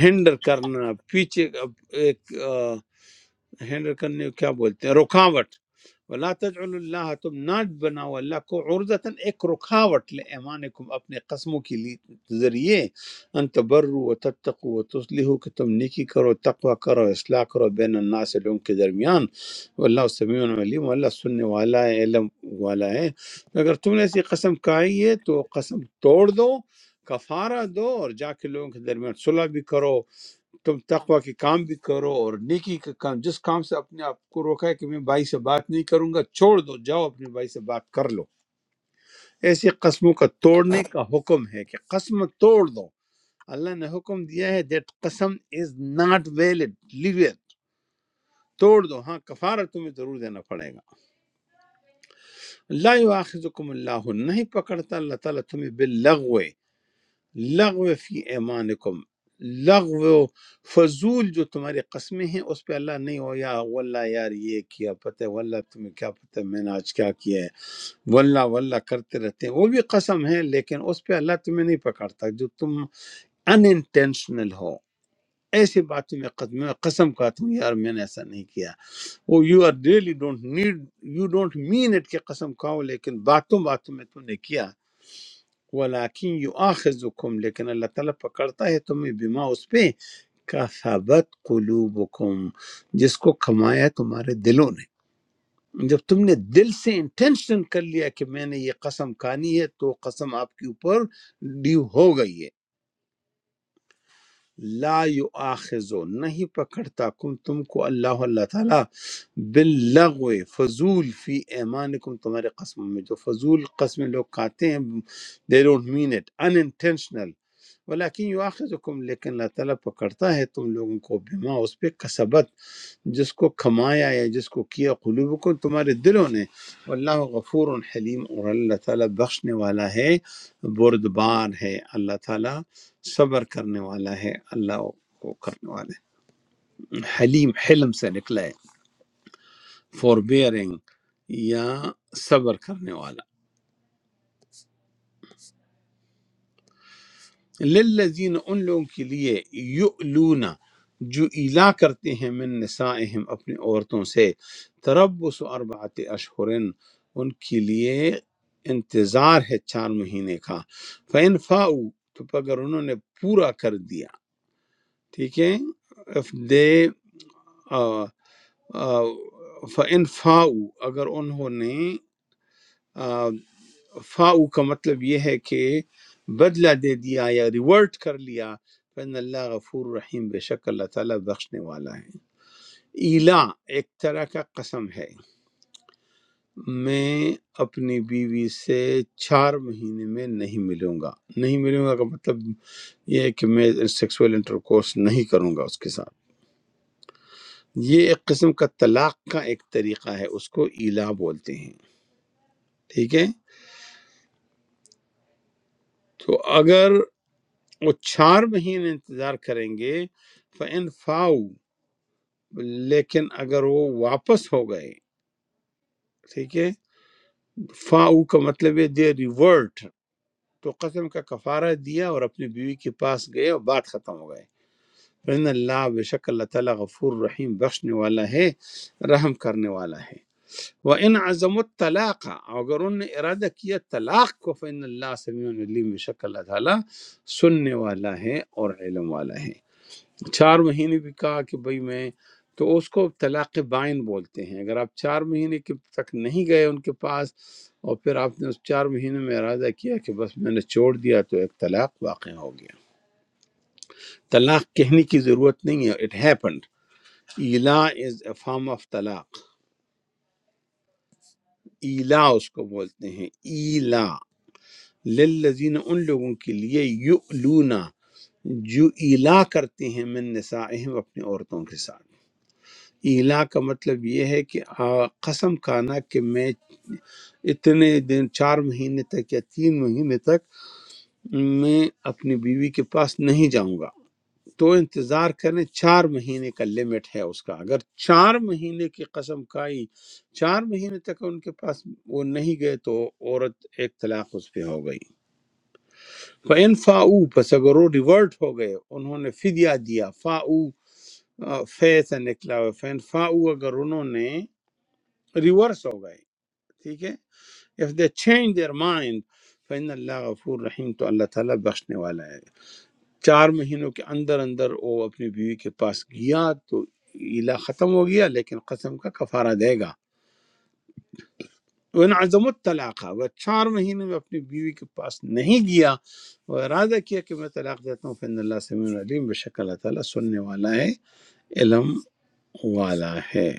ہینڈر کرنا پیچھے ایک ہینڈل کرنے کو کیا بولتے ہیں رکاوٹ ولا تجعل اللہ تم نہ بناؤ اللہ کو عرضتا ایک رکاوٹ لے ایمانکم اپنے قسموں کے لیے ذریعے ان تبروا و تتقوا و تصلحوا کہ تم نیکی کرو تقوی کرو اصلاح کرو بین الناس لوگوں کے درمیان واللہ سمیع علیم اللہ سننے والا ہے علم والا ہے اگر تم نے ایسی قسم کھائی ہے تو قسم توڑ دو کفارہ دو اور جا کے لوگوں کے درمیان صلح بھی کرو تم تقوی کے کام بھی کرو اور نیکی کا کام جس کام سے اپنے آپ کو روکا ہے کہ میں بھائی سے بات نہیں کروں گا چھوڑ دو جاؤ اپنے بھائی سے بات کر لو ایسی قسموں کا توڑنے کا حکم ہے کہ قسم توڑ دو اللہ نے حکم دیا ہے دیٹ قسم is not valid leave it توڑ دو ہاں کفارہ تمہیں ضرور دینا پڑے گا لا یؤاخذکم اللہ نہیں پکڑتا اللہ تعالیٰ تمہیں باللغو لغو فی ایمانکم لغو فضول جو تمہاری قسمیں ہیں اس پہ اللہ نہیں ہو یا واللہ یار یہ کیا پتہ ہے واللہ تمہیں کیا پتہ ہے میں نے آج کیا کیا ہے واللہ واللہ کرتے رہتے ہیں وہ بھی قسم ہے لیکن اس پہ اللہ تمہیں نہیں پکڑتا جو تم ان انٹینشنل ہو ایسی باتوں میں قسم میں قسم کھاتا ہوں یار میں نے ایسا نہیں کیا وہ you are really don't need you don't mean it کہ قسم کھاؤ لیکن باتوں باتوں میں تم نے کیا ولیکن یؤاخذکم لیکن اللہ تعالیٰ پکڑتا ہے تمہیں بما اس پہ کسبت قلوبکم جس کو کمایا تمہارے دلوں نے جب تم نے دل سے انٹینشن کر لیا کہ میں نے یہ قسم کھانی ہے تو قسم آپ کے اوپر ڈیو ہو گئی ہے لا یؤاخذو نہیں پکڑتا کم تم کو اللہ اللہ تعالیٰ باللغو فضول فی ایمانکم تمہارے قسموں میں جو فضول قسمیں لوگ کھاتے ہیں they don't mean it unintentional ولیکن یواخذکم لیکن اللہ تعالیٰ پکڑتا ہے تم لوگوں کو بما اس پہ کسبت جس کو کمایا یا جس کو کیا قلوبکم تمہارے دلوں نے واللہ غفور حلیم اور اللہ تعالیٰ بخشنے والا ہے بردبار ہے اللہ تعالیٰ صبر کرنے والا ہے اللہ کو کرنے والا ہے حلیم حلم سے نکلا ہے فور بیئرنگ یا صبر کرنے والا للذین ان لوگوں کے لیے یؤلون جو ایلا کرتے ہیں من نسائہم اپنی عورتوں سے تربس اربعت اشہرن ان کے لیے انتظار ہے چار مہینے کا فَإِن فَاؤُ تو اگر انہوں نے پورا کر دیا ٹھیک ہے اف دے فَإِن فَاؤُ اگر انہوں نے آ، فاؤ کا مطلب یہ ہے کہ بدلہ دے دیا یا ریورٹ کر لیا فن اللہ غفور رحیم بے شک اللہ تعالیٰ بخشنے والا ہے ایلا ایک طرح کا قسم ہے میں اپنی بیوی سے چار مہینے میں نہیں ملوں گا نہیں ملوں گا کا مطلب یہ ہے کہ میں سیکسول انٹر کورس نہیں کروں گا اس کے ساتھ یہ ایک قسم کا طلاق کا ایک طریقہ ہے اس کو ایلا بولتے ہیں ٹھیک ہے تو اگر وہ چار مہینے انتظار کریں گے فَإِن فاؤ لیکن اگر وہ واپس ہو گئے ٹھیک ہے فاؤ کا مطلب ہے دے ریورٹ تو قسم کا کفارہ دیا اور اپنی بیوی کے پاس گئے اور بات ختم ہو گئے فَإِنَّ اللہ بے شک اللہ تعالیٰ غفور رحیم بخشنے والا ہے رحم کرنے والا ہے وَإِنْ عَزَمُ الطَّلَاقَ اگر انہوں نے ارادہ کیا طلاق کو فَإِنَّ اللَّهَ سَمِيعٌ عَلِيمٌ بے شک اللہ تعالیٰ سننے والا ہے اور علم والا ہے چار مہینے بھی کہا کہ بھئی میں تو اس کو طلاق بائن بولتے ہیں اگر آپ چار مہینے کے تک نہیں گئے ان کے پاس اور پھر آپ نے اس چار مہینے میں ارادہ کیا کہ بس میں نے چھوڑ دیا تو ایک طلاق واقع ہو گیا طلاق کہنے کی ضرورت نہیں ہے اٹ ہیپنڈ ایلا از اے فارم آف طلاق ایلا اس کو بولتے ہیں ایلا للذین ان لوگوں کے لیے یؤلونا جو ایلا کرتے ہیں من نسائہم اپنی عورتوں کے ساتھ ایلا کا مطلب یہ ہے کہ آ، قسم کھانا کہ میں اتنے دن چار مہینے تک یا تین مہینے تک میں اپنی بیوی کے پاس نہیں جاؤں گا تو انتظار کریں چار مہینے کا لمٹ ہے اس کا اگر چار مہینے کی قسم کھائی چار مہینے تک ان کے پاس وہ نہیں گئے تو عورت ایک طلاق اس پہ ہو گئی فَإِن فَاؤُوا پس اگر وہ ریورٹ ہو گئے انہوں نے فدیہ دیا فاؤ فے سے نکلا ہوا فین فاؤ اگر انہوں نے ریورس ہو گئے ٹھیک ہے if they change their mind فین اللہ غفور رحیم تو اللہ تعالیٰ بخشنے والا ہے چار مہینوں کے اندر اندر وہ اپنی بیوی کے پاس گیا تو علا ختم ہو گیا لیکن قسم کا کفارہ دے گا وہ عظم الطلاق وہ چار مہینے میں اپنی بیوی کے پاس نہیں گیا وہ ارادہ کیا کہ میں طلاق دیتا ہوں فن اللہ سمین علیم بے شک اللہ تعالیٰ سننے والا ہے علم والا ہے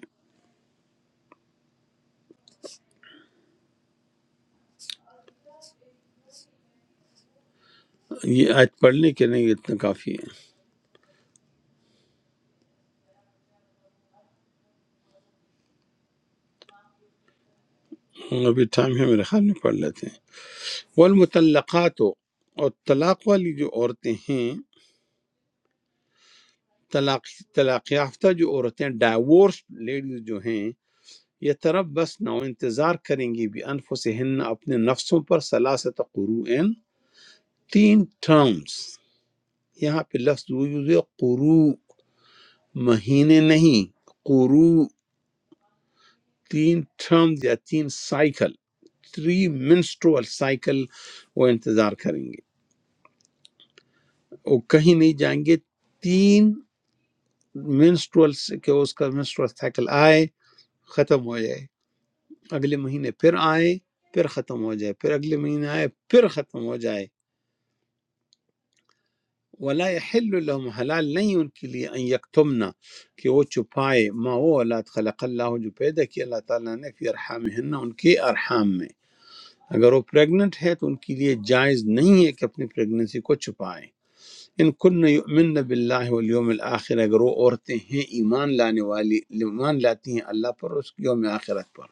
یہ آج پڑھنے کے نہیں اتنا کافی ہے ابھی ٹائم ہے میرے خیال میں پڑھ لیتے ہیں والمطلقات اور طلاق والی جو عورتیں ہیں طلاق طلاق یافتہ جو عورتیں ڈائیورس لیڈیز جو ہیں یہ طرف بس نہ انتظار کریں گی بھی انفسہن اپنے نفسوں پر سلاست قروئن تین ٹرمز یہاں پہ لفظ یوز قرو مہینے نہیں قرو تین ٹرمز یا تین سائیکل تھری منسٹرول سائیکل وہ انتظار کریں گے وہ کہیں نہیں جائیں گے تین منسٹرول سے کہ اس کا منسٹرول سائیکل آئے ختم ہو جائے اگلے مہینے پھر آئے پھر ختم ہو جائے پھر اگلے مہینے آئے پھر ختم ہو جائے ولا یحل لهم حلال نہیں ان کے لیے ان یکتمنا کہ وہ چھپائے ما وہ اولاد خلق اللہ جو پیدا کی اللہ تعالیٰ نے فی ارحامہن ان کے ارحام میں اگر وہ پریگنٹ ہے تو ان کے لیے جائز نہیں ہے کہ اپنی پریگننسی کو چھپائیں ان کن یؤمن باللہ والیوم الآخر اگر وہ عورتیں ہیں ایمان لانے والی ایمان لاتی ہیں اللہ پر اور اس کے یوم آخرت پر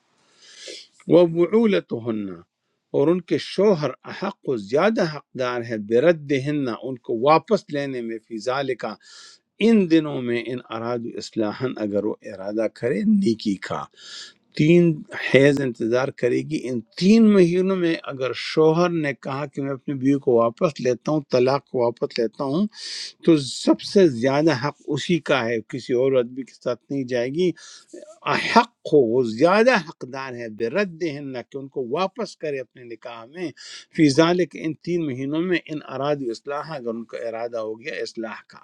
وہ بعولتہن اور ان کے شوہر حق و زیادہ حقدار ہے بردہن ان کو واپس لینے میں فی ذالکا ان دنوں میں ان اراد اصلاحا اگر وہ ارادہ کرے نیکی کا تین حیض انتظار کرے گی ان تین مہینوں میں اگر شوہر نے کہا کہ میں اپنی بیوی کو واپس لیتا ہوں طلاق کو واپس لیتا ہوں تو سب سے زیادہ حق اسی کا ہے کسی اور آدمی کے ساتھ نہیں جائے گی حق ہو وہ زیادہ حقدار ہے بے رد ہن کہ ان کو واپس کرے اپنے نکاح میں فی ذالک ان تین مہینوں میں ان اراد اصلاح اگر ان کا ارادہ ہو گیا اصلاح کا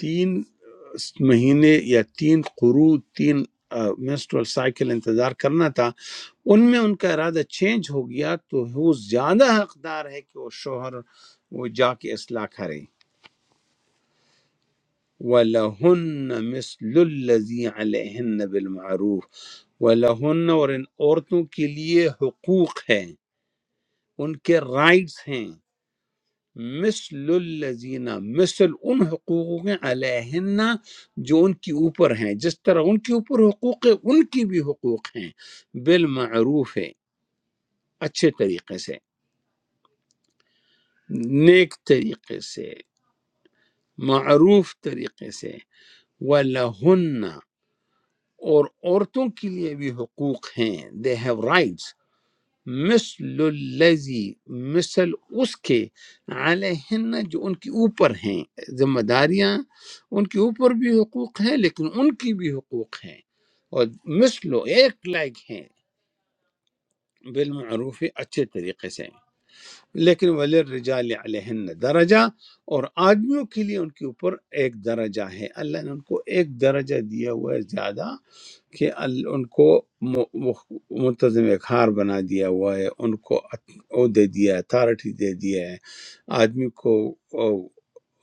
تین مہینے یا تین قرو تین منسٹرل سائیکل انتظار کرنا تھا ان میں ان کا ارادہ چینج ہو گیا تو وہ زیادہ حقدار ہے کہ وہ شوہر وہ جا کے اصلاح کریں وَلَهُنَّ مِثْلُ الَّذِي عَلَيْهِنَّ بِالْمَعْرُوفِ وَلَهُنَّ اور ان عورتوں کے لیے حقوق ہیں ان کے رائٹس ہیں مثل الذین مثل ان حقوق کے علیہن جو ان کے اوپر ہیں جس طرح ان کے اوپر حقوق ہے ان کی بھی حقوق ہیں بالمعروف ہے اچھے طریقے سے نیک طریقے سے معروف طریقے سے وَلَهُنَّ اور عورتوں کے لیے بھی حقوق ہیں they have rights مثل الذی مثل اس کے علیہن جو ان کے اوپر ہیں ذمہ داریاں ان کے اوپر بھی حقوق ہیں لیکن ان کی بھی حقوق ہیں اور مثل ایک لائق ہیں بالمعروف اچھے طریقے سے لیکن ولی رجال علیہن درجہ اور آدمیوں کے لیے ان کے اوپر ایک درجہ ہے اللہ نے ان کو ایک درجہ دیا ہوا ہے زیادہ کہ ال- ان کو م- مخ- منتظم اخار بنا دیا ہوا ہے ان کو ات- وہ دے دیا ہے اتھارٹی دے دیا ہے آدمی کو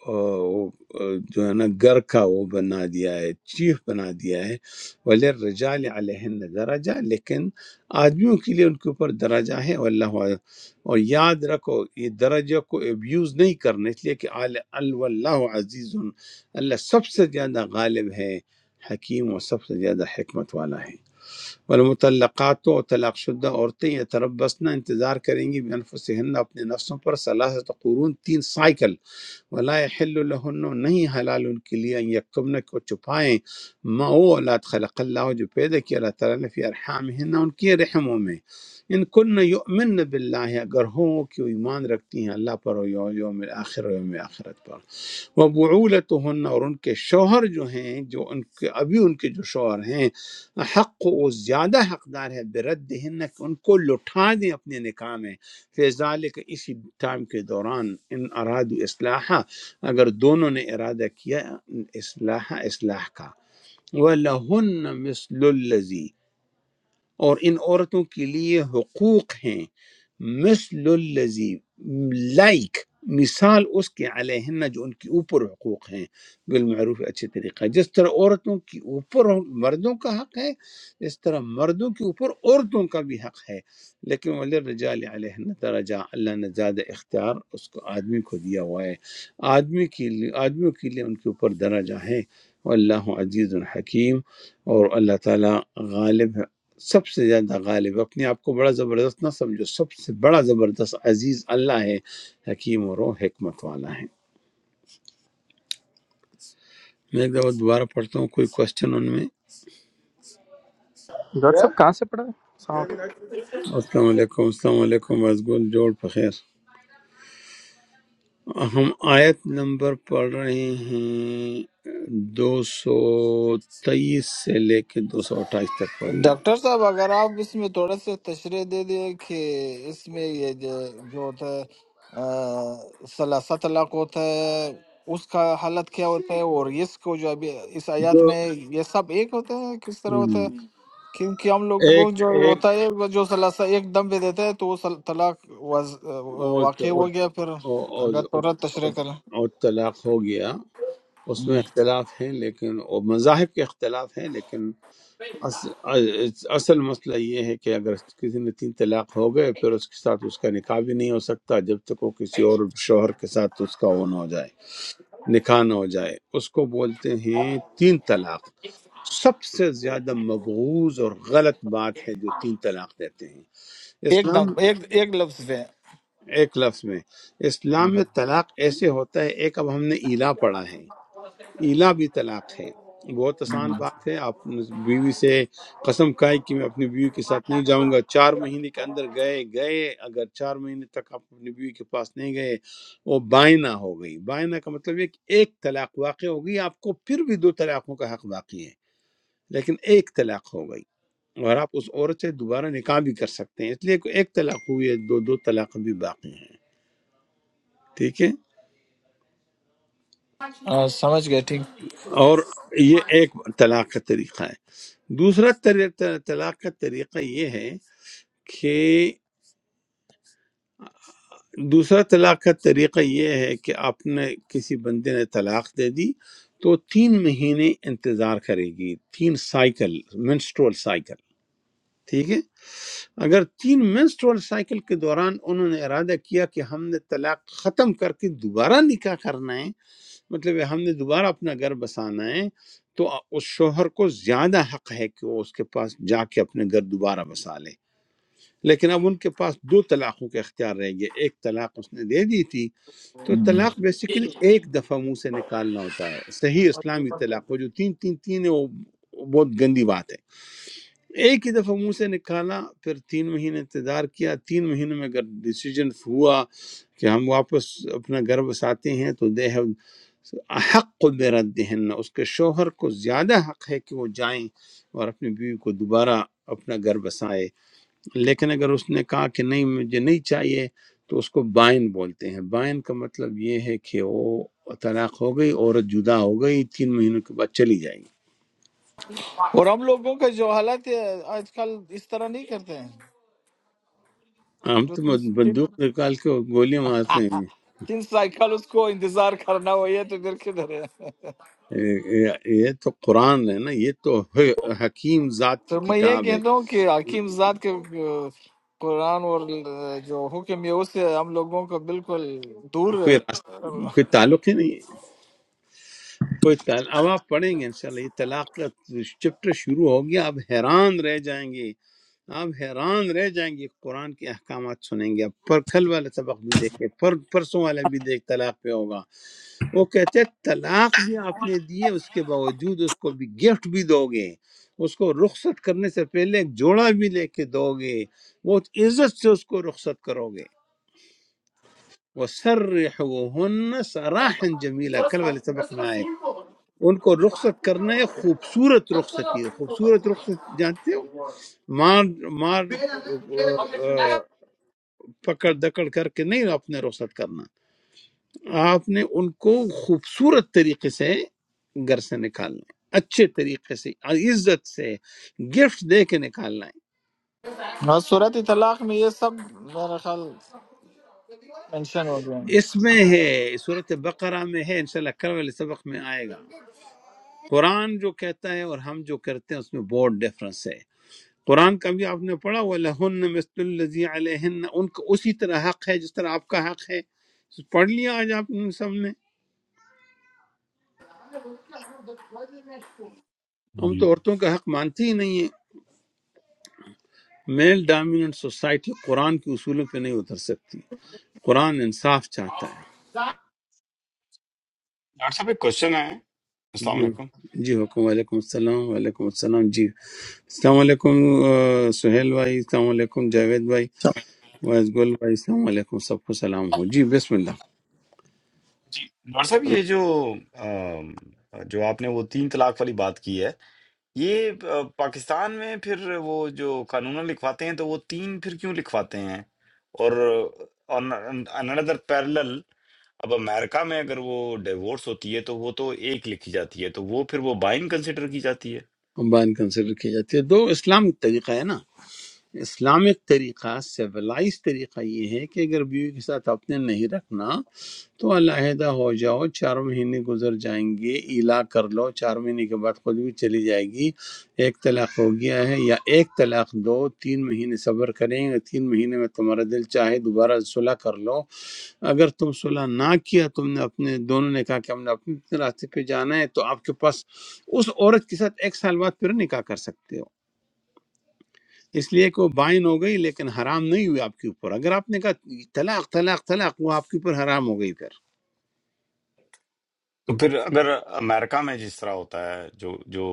آ، وہ، آ، جو ہے نا گھر کا وہ بنا دیا ہے چیف بنا دیا ہے ولی رجال علیہن درجہ لیکن آدمیوں کے لیے ان کے اوپر درجہ ہے واللہ اعلم۔ اور یاد رکھو یہ درجہ کو ابیوز نہیں کرنا اس لیے کہ آل اللہ عزیز اللہ سب سے زیادہ غالب ہے حکیم اور سب سے زیادہ حکمت والا ہے والمطلقات و طلاق شدہ عورتیں یہ تربسنا انتظار کریں گی بانفسہن اپنے نفسوں پر صلاحت قرون تین سائیکل ولا یحل لہن نہیں حلال ان کے لیے ان یکتمن کو چھپائیں ما وہ اولاد خلق اللہ جو پیدا کیا اللہ تعالیٰ نے فی ارحامہن ان کی رحموں میں ان کن یؤمن باللہ اگر ہوں کہ وہ ایمان رکھتی ہیں اللہ پر اور یوم آخر و یوم آخرت پر وبعولتهن اور ان کے شوہر جو ہیں جو ان کے ابھی ان کے جو شوہر ہیں حق وہ زیادہ حقدار ہے بردہن کہ ان کو لٹھا دیں اپنے نکاح میں فیضال کے اسی ٹائم کے دوران ان اراد اصلاحہ اگر دونوں نے ارادہ کیا اصلاح اصلاح کا وَلَهُنَّ مِثْلُ الَّذِي اور ان عورتوں کے لیے حقوق ہیں مثل الذی لائک مثال اس کے علیہن جو ان کے اوپر حقوق ہیں بالمعروف اچھے طریقہ جس طرح عورتوں کے اوپر مردوں کا حق ہے اس طرح مردوں کے اوپر عورتوں کا بھی حق ہے لیکن وللرجال علیہن درجہ اللہ نے زیادہ اختیار اس کو آدمی کو دیا ہوا ہے آدمی کے لیے آدمیوں کے لیے ان کے اوپر درجہ ہے واللہ عزیز الحکیم اور اللہ تعالیٰ غالب سب سے زیادہ غالب اپنے آپ کو بڑا زبردست نہ سمجھو سب سے بڑا زبردست عزیز اللہ ہے حکیم اور وہ حکمت والا ہے میں ایک دفعہ دوبارہ پڑھتا ہوں کوئی کوشچن ان میں
That's
السلام علیکم السلام علیکم وزگل جوڑ بخیر ہم آیت نمبر پڑھ رہے ہیں دو سو تیئیس سے لے کے دو سو اٹھائیس تک پڑھی ہے
ڈاکٹر صاحب اگر آپ اس میں تھوڑا سا تشریح دے دیں کہ اس میں یہ جو جو ہوتا ہے آ، ثلاثہ طلاق ہوتا ہے اس کا حالت کیا ہوتا ہے اور اس کو جو ابھی اس آیات
جو
میں یہ سب ایک ہوتا ہے کس طرح ہوتا ہے
ہم،
کیونکہ ہم لوگ کو
ایک
جو
ایک
ہوتا ہے وہ جو ثلاثہ ایک دم پہ دیتا ہے تو وہ سل- طلاق واز-
وہ- وہ-
واقع ہو گیا پھر اگر
وہ- وہ-
تھوڑا
وہ-
تشریح کریں
وہ طلاق ہو گیا اس
ہم۔
میں اختلاف ہیں لیکن اور مذاہب کے اختلاف ہیں لیکن اص- اصل مسئلہ یہ ہے کہ اگر کسی نے تین طلاق ہو گئے پھر اس کے ساتھ اس کا نکاح بھی نہیں ہو سکتا جب تک وہ کسی اور شوہر کے ساتھ اس کا وہ نہ ہو جائے نکاح نہ ہو جائے اس کو بولتے ہیں تین طلاق سب سے زیادہ مبغوض اور غلط بات ہے جو تین طلاق دیتے ہیں
ایک
اسلام
دم ایک ایک لفظ پہ
ایک لفظ میں
ہم۔
اسلام میں طلاق ایسے ہوتا ہے ایک اب ہم نے ایلا پڑھا ہے ایلا بھی طلاق ہے بہت
ہم۔
آسان بات ہے آپ نے بیوی سے قسم کھائی کہ میں اپنی بیوی کے ساتھ نہیں جاؤں گا چار مہینے کے اندر گئے گئے اگر چار مہینے تک آپ اپنی بیوی کے پاس نہیں گئے وہ بائنا ہو گئی بائنا کا مطلب یہ کہ ایک طلاق واقع ہو گئی آپ کو پھر بھی دو طلاقوں کا حق باقی ہے لیکن ایک طلاق ہو گئی اور آپ اس عورت سے دوبارہ نکاح بھی کر سکتے ہیں اس لیے کہ ایک طلاق ہوئی ہے دو دو طلاق بھی باقی ہیں ٹھیک ہے
آ، سمجھ گئے ٹھیک
اور یہ ایک طلاق کا طریقہ ہے دوسرا طری- ط- طلاق کا طریقہ یہ ہے کہ دوسرا طلاق کا طریقہ یہ ہے کہ آپ نے کسی بندے نے طلاق دے دی تو تین مہینے انتظار کرے گی تین سائیکل منسٹرول سائیکل ٹھیک ہے اگر تین منسٹرول سائیکل کے دوران انہوں نے ارادہ کیا کہ ہم نے طلاق ختم کر کے دوبارہ نکاح کرنا ہے مطلب ہے ہم نے دوبارہ اپنا گھر بسانا ہے تو اس شوہر کو زیادہ حق ہے کہ وہ اس کے پاس جا کے اپنے گھر دوبارہ بسا لے لیکن اب ان کے پاس دو طلاقوں کے اختیار رہ گئے ایک طلاق اس نے دے دی تھی تو طلاق بیسیکلی ایک دفعہ منہ سے نکالنا ہوتا ہے صحیح اسلامی طلاق وہ جو تین تین تین ہے وہ وہ بہت گندی بات ہے ایک ہی دفعہ منہ سے نکالا پھر تین مہینے انتظار کیا تین مہینے میں اگر ڈیسیجن ہوا کہ ہم واپس اپنا گھر بساتے ہیں تو دے ہیو حق برد اس کے شوہر کو زیادہ حق ہے کہ وہ جائیں اور اپنی بیوی کو دوبارہ اپنا گھر بسائے لیکن اگر اس نے کہا کہ نہیں مجھے نہیں چاہیے تو اس کو بائن بولتے ہیں بائن کا مطلب یہ ہے کہ وہ طلاق ہو گئی عورت جدا ہو گئی تین مہینوں کے بعد چلی جائے گی
اور ہم لوگوں کا جو حالت ہے آج کل اس طرح نہیں کرتے ہیں
ہم
جو
تو
تین تین
بندوق نکال کے گولیاں مارتے ہیں
تین سائیکل اس کو انتظار کرنا ہو یہ تو پھر کدھر ہے
یہ یہ تو قرآن ہے نا یہ تو ح- حکیم ذات کی
تو میں یہ
کتاب ہے
کہتا ہوں کہ حکیم ذات کے آ، قرآن اور آ، جو حکم ہے اس سے ہم لوگوں کو بالکل دور
کوئی راستہ
ہے۔
کوئی تعلق ہی نہیں ہے کوئی تعلق اب آپ پڑھیں گے انشاءاللہ یہ طلاق کا چپٹر شروع ہو گیا آپ حیران رہ جائیں گے آپ حیران رہ جائیں گے قرآن کے احکامات سنیں گے آپ پر کل والا سبق بھی دیکھیں پر پرسوں والا بھی دیکھ طلاق پہ ہوگا وہ کہتے ہیں طلاق بھی آپ نے دیے اس کے باوجود اس کو بھی گفٹ بھی دو گے اس کو رخصت کرنے سے پہلے ایک جوڑا بھی لے کے دو گے بہت عزت سے اس کو رخصت کرو گے وہ سر سراحن جمیلہ کل والے سبق میں آئے ان کو رخصت کرنا ہے خوبصورت رخصتی خوبصورت رخصت جانتے ہو مار مار آ، آ، پکڑ دکڑ کر کے نہیں اپنے رخصت کرنا آپ نے ان کو خوبصورت طریقے سے گھر سے نکالنا ہے اچھے طریقے سے عزت سے گفٹ دے کے نکالنا
ہاں صورت طلاق میں یہ سب میرا خیال مینشن ہو گیا
ہے اس میں ہے صورت بقرہ میں ہے انشاءاللہ کل والے سبق میں آئے گا قرآن جو کہتا ہے اور ہم جو کرتے ہیں اس میں بہت ڈفرنس ہے قرآن کا بھی آپ نے پڑھا وہ لہن مثل الذی علیہن ان کو اسی طرح حق ہے جس طرح آپ کا حق ہے پڑھ لیا آج آپ نے سب نے ہم
जी
تو عورتوں کا حق مانتے ہی نہیں ہیں میل ڈومیننٹ سوسائٹی قرآن کے اصولوں پہ نہیں اتر سکتی قرآن انصاف چاہتا ہے
डॉक्टर साहब एक क्वेश्चन है अस्सलाम
جی
वालेकुम
جی حکم وعلیکم السلام وعلیکم السلام جی السلام علیکم آ، سہیل بھائی السلام علیکم جاوید بھائی
تو
وائس گل بھائی السلام علیکم سب کو سلام ہو جی بسم اللہ
जी डॉक्टर साहब ये जो अम, जो आपने वो तीन तलाक वाली बात की है ये अ, पाकिस्तान में फिर वो जो कानून लिखवाते हैं तो वो तीन फिर क्यों लिखवाते हैं और ऑन अनदर पैरेलल अब अमेरिका में अगर वो डिवोर्स होती है तो वो तो एक लिखी जाती है तो वो फिर वो बाइंड कंसिडर की जाती है
بان کنسیڈر کی جاتی ہے دو اسلامک طریقہ ہے نا اسلامک طریقہ سیولائز طریقہ یہ ہے کہ اگر بیوی کے ساتھ آپ نے نہیں رکھنا تو علیحدہ ہو جاؤ چار مہینے گزر جائیں گے ایلا کر لو چار مہینے کے بعد خود بھی چلی جائے گی ایک طلاق ہو گیا ہے یا ایک طلاق دو تین مہینے صبر کریں تین مہینے میں تمہارا دل چاہے دوبارہ صلح کر لو اگر تم صلح نہ کیا تم نے اپنے دونوں نے کہا کہ ہم نے اپنے اپنے راستے پہ جانا ہے تو آپ کے پاس اس عورت کے ساتھ ایک سال بعد پھر نکاح کر سکتے ہو اس لیے کہ وہ بائن ہو گئی لیکن حرام نہیں ہوئی آپ کے اوپر اگر آپ نے کہا طلاق طلاق طلاق وہ آپ کے اوپر حرام ہو گئی پھر
तो फिर अगर अमेरिका में जिस तरह होता है जो जो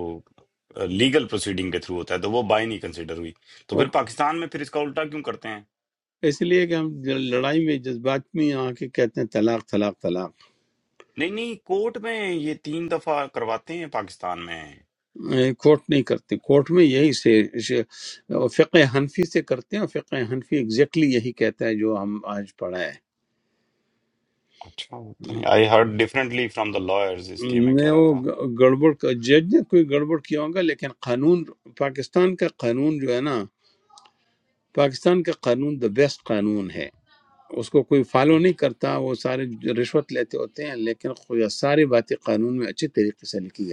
लीगल प्रोसीडिंग के थ्रू होता है तो वो बाई नहीं कंसिडर हुई तो
وہ
फिर पाकिस्तान में फिर इसका उल्टा क्यों करते हैं
اس لیے کہ ہم لڑائی میں جذبات میں آ کے کہتے ہیں طلاق طلاق طلاق
नहीं नहीं कोर्ट में ये तीन दफा करवाते हैं पाकिस्तान में
اے، کورٹ نہیں کرتے کورٹ میں یہی سے سے- فقہ حنفی سے کرتے ہیں اور فقہ حنفی ایگزیکٹلی یہی کہتا ہے جو ہم آج پڑھا ہے
अच्छा होता नहीं I heard differently from the lawyers इसलिए मैं
نے
कह रहा
وہ
था
گ- گڑبڑ جج نے کوئی گڑبڑ کیا ہوگا لیکن قانون پاکستان کا قانون جو ہے نا پاکستان کا قانون دا بیسٹ قانون ہے اس کو کوئی فالو نہیں کرتا وہ سارے رشوت لیتے ہوتے ہیں لیکن خو- ساری باتیں قانون میں اچھے طریقے سے لکھی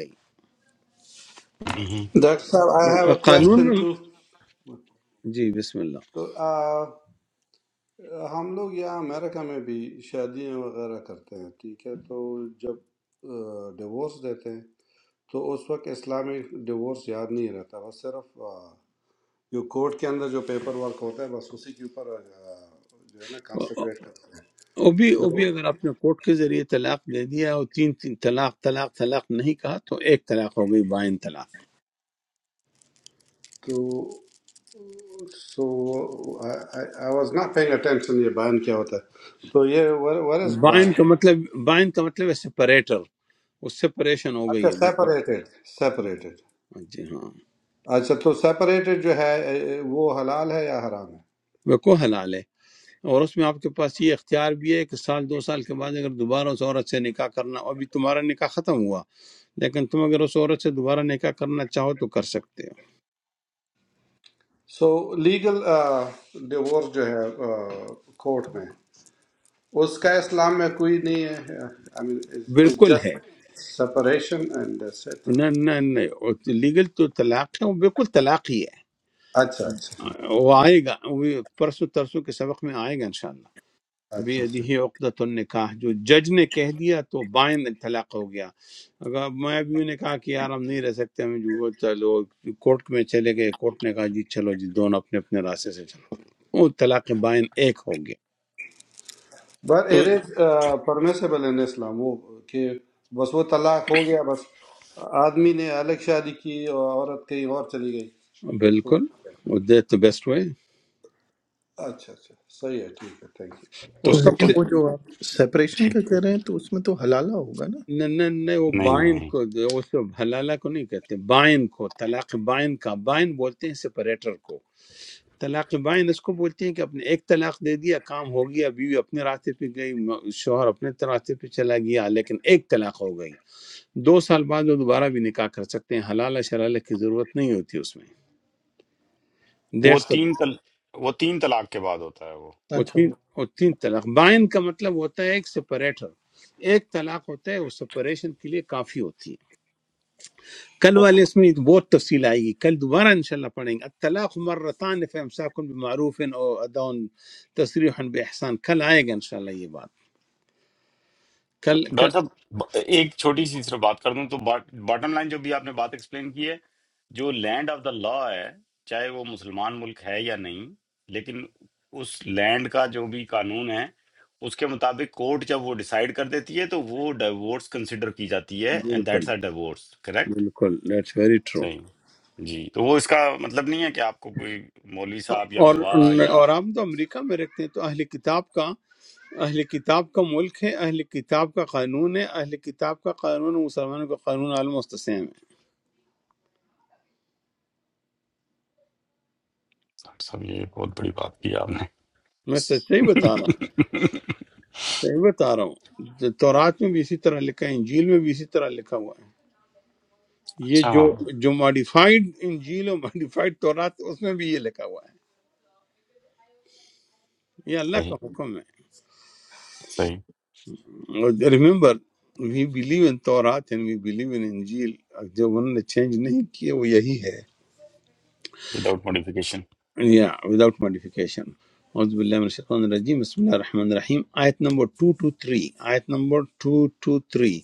हम्म,
ڈاکٹر صاحب آئی ہیو
گئی
اے
सही।
قانون
کوشچن
میں
ٹو
جی بسم اللہ
تو آ، ہم لوگ یہاں امریکہ میں بھی شادیاں وغیرہ کرتے ہیں ٹھیک ہے تو جب ڈیوورس دیتے ہیں تو اس وقت اسلامی ڈیوورس یاد نہیں رہتا بس صرف آ، جو کورٹ کے اندر جو پیپر ورک ہوتا ہے بس اسی کے اوپر آ، جو ہے نا کانسنٹریٹ
وہ
کرتے ہیں
بھی وہ
تو
بھی اگر آپ نے کورٹ کے ذریعے طلاق دے دیا اور تین تین طلاق طلاق طلاق نہیں کہا تو ایک طلاق ہو گئی بائن طلاق
تو so I was not paying attention یہ بائن کیا ہوتا ہے تو یہ ویئر از
بائن
بائن
کا مطلب بائن کا مطلب ہے سپریٹر اس سے پریشان ہو گئی
اچھا
ہے بس بس
سیپریٹڈ سیپریٹڈ
ہاں جی ہاں
اچھا تو سیپریٹڈ جو ہے اے، وہ حلال ہے یا حرام ہے
وہ کو حلال ہے اور اس میں آپ کے پاس یہ اختیار بھی ہے کہ سال دو سال کے بعد اگر دوبارہ اس عورت سے نکاح کرنا ابھی تمہارا نکاح ختم ہوا لیکن تم اگر اس عورت سے دوبارہ نکاح کرنا چاہو تو کر سکتے
سو لیگل ڈیورس جو ہے کورٹ میں اس کا اسلام میں کوئی نہیں ہے آئی
ہو
مین
بالکل ہے
just separation and that's it
نہ نہ لیگل تو طلاق ہے وہ بالکل طلاق ہی ہے
اچھا اچھا
وہ آئے گا وہ پرسوں ترسوں کے سبق میں آئے گا انشاءاللہ بے
اچھا اچھا
ادھی عقدۃ النکاح جو جج نے کہہ دیا تو بائن طلاق ہو گیا اگر میں بیوی نے کہا کہ یار ہم نہیں رہ سکتے ہم جو چلو کورٹ میں چلے گئے کورٹ نے کہا جی چلو جی دونوں اپنے اپنے راستے سے چلو وہ طلاق بائن ایک ہو گیا
بٹ
तो
اٹ از پرمیسیبل ان اسلام وہ کہ بس وہ طلاق ہو گیا بس آدمی نے الگ شادی کی اور عورت کہیں اور چلی گئی تو
بالکل دیٹ دا بیسٹ وے
اچھا اچھا صحیح ہے ٹھیک ہے تھینک یو
وہ
तो
سب
لیکن
سے
तो
وہ جو آپ سیپریشن
छी,
کا کہہ رہے ہیں تو اس میں تو حلالہ ہوگا نا
نہ نہ نہ وہ
नहीं
بائن
नहीं
کو وہ سب حلالہ کو نہیں کہتے بائن کو طلاق بائن کا بائن بولتے ہیں سپریٹر کو طلاق بائن اس کو بولتے ہیں کہ اپنے ایک طلاق دے دیا کام ہو گیا بیوی اپنے راستے پہ گئی م- شوہر اپنے ت- راستے پہ چلا گیا لیکن ایک طلاق ہو گئی دو سال بعد وہ دوبارہ بھی نکاح کر سکتے ہیں حلال شلال کی ضرورت نہیں ہوتی اس میں
वो
ڈیڑھ سو
तीन तल वो तीन तलाक के बाद होता है वो
وہ
اچھا
تین
ہو
وہ تین طلاق بائن کا مطلب ہوتا ہے ایک سپریٹر ایک طلاق ہوتا ہے وہ سپریشن کے لیے کافی ہوتی ہے کل
वो-
والے اس میں بہت تفصیل آئے گی کل دوبارہ انشاءاللہ پڑھیں گے الطلاق مرتان فمساکن بمعروف او ادون تصریح باحسان کل آئے گا انشاءاللہ یہ بات
तो
کل کل
डॉक्टर साहब ब- एक छोटी सी सिर्फ बात कर दूं तो बॉटम लाइन जो भी आपने बात एक्सप्लेन की है जो लैंड ऑफ द लॉ है चाहे वो मुसलमान मुल्क है या नहीं लेकिन उस लैंड का जो भी कानून है उसके मुताबिक कोर्ट जब वो डिसाइड कर देती है तो वो डिवोर्स कंसिडर की जाती है एंड
بالکل
दैट्स अ डिवोर्स करेक्ट
بالکل دیٹس ویری ٹرو
सही जी तो वो इसका मतलब नहीं है कि आपको कोई मौलवी साहब या
اور
गवाह या
اور آپ تو امریکہ میں رکھتے ہیں تو اہل کتاب کا اہل کتاب کا ملک ہے اہل کتاب کا قانون ہے اہل کتاب کا قانون ہے، مسلمانوں کا قانون عالم مستثم ہے
साहब साहब, ये बहुत बड़ी बात की आपने
میں سچائی بتا رہا ہوں صحیح بتا رہا ہوں تورات میں بھی اسی طرح لکھا ہے انجیل میں بھی اسی طرح لکھا ہوا ہے یہ
अच्छा
جو
हाँ
جو ماڈیفائڈ انجیل اور ماڈیفائڈ تورات اس میں بھی یہ لکھا ہوا ہے یہ اللہ کا
सही
حکم ہے
सही
ریمبر وی بلیو ان تورات اینڈ وی بلیو ان انجیل جو انہوں نے چینج نہیں کیے وہ یہی ہے
विदाउट मॉडिफिकेशन
یا وداؤٹ ماڈیفیکیشن اعوذ باللہ من الشیطان الرجیم بسم اللہ الرحمن الرحیم آیت نمبر 223 آیت نمبر 223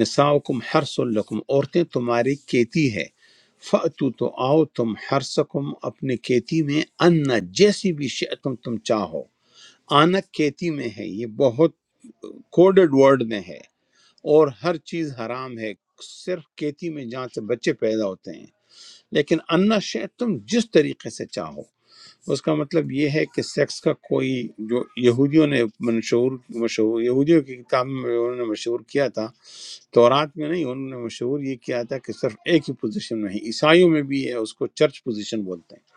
نساؤکم حرس لکم عورتیں تمہاری کیتی ہے فَأْتُو تو آؤ تم حرسکم اپنے کیتی میں انا جیسی بھی شئتم تم چاہو آنا کیتی میں ہے یہ بہت کوڈڈ ورڈ میں ہے اور ہر چیز حرام ہے صرف کیتی میں جہاں سے بچے پیدا ہوتے ہیں لیکن انا شے تم جس طریقے سے چاہو اس کا مطلب یہ ہے کہ سیکس کا کوئی جو یہودیوں نے منشور مشہور یہودیوں کی کتاب میں انہوں نے مشہور کیا تھا تورات میں نہیں انہوں نے مشہور یہ کیا تھا کہ صرف ایک ہی پوزیشن نہیں عیسائیوں میں بھی ہے اس کو چرچ پوزیشن بولتے ہیں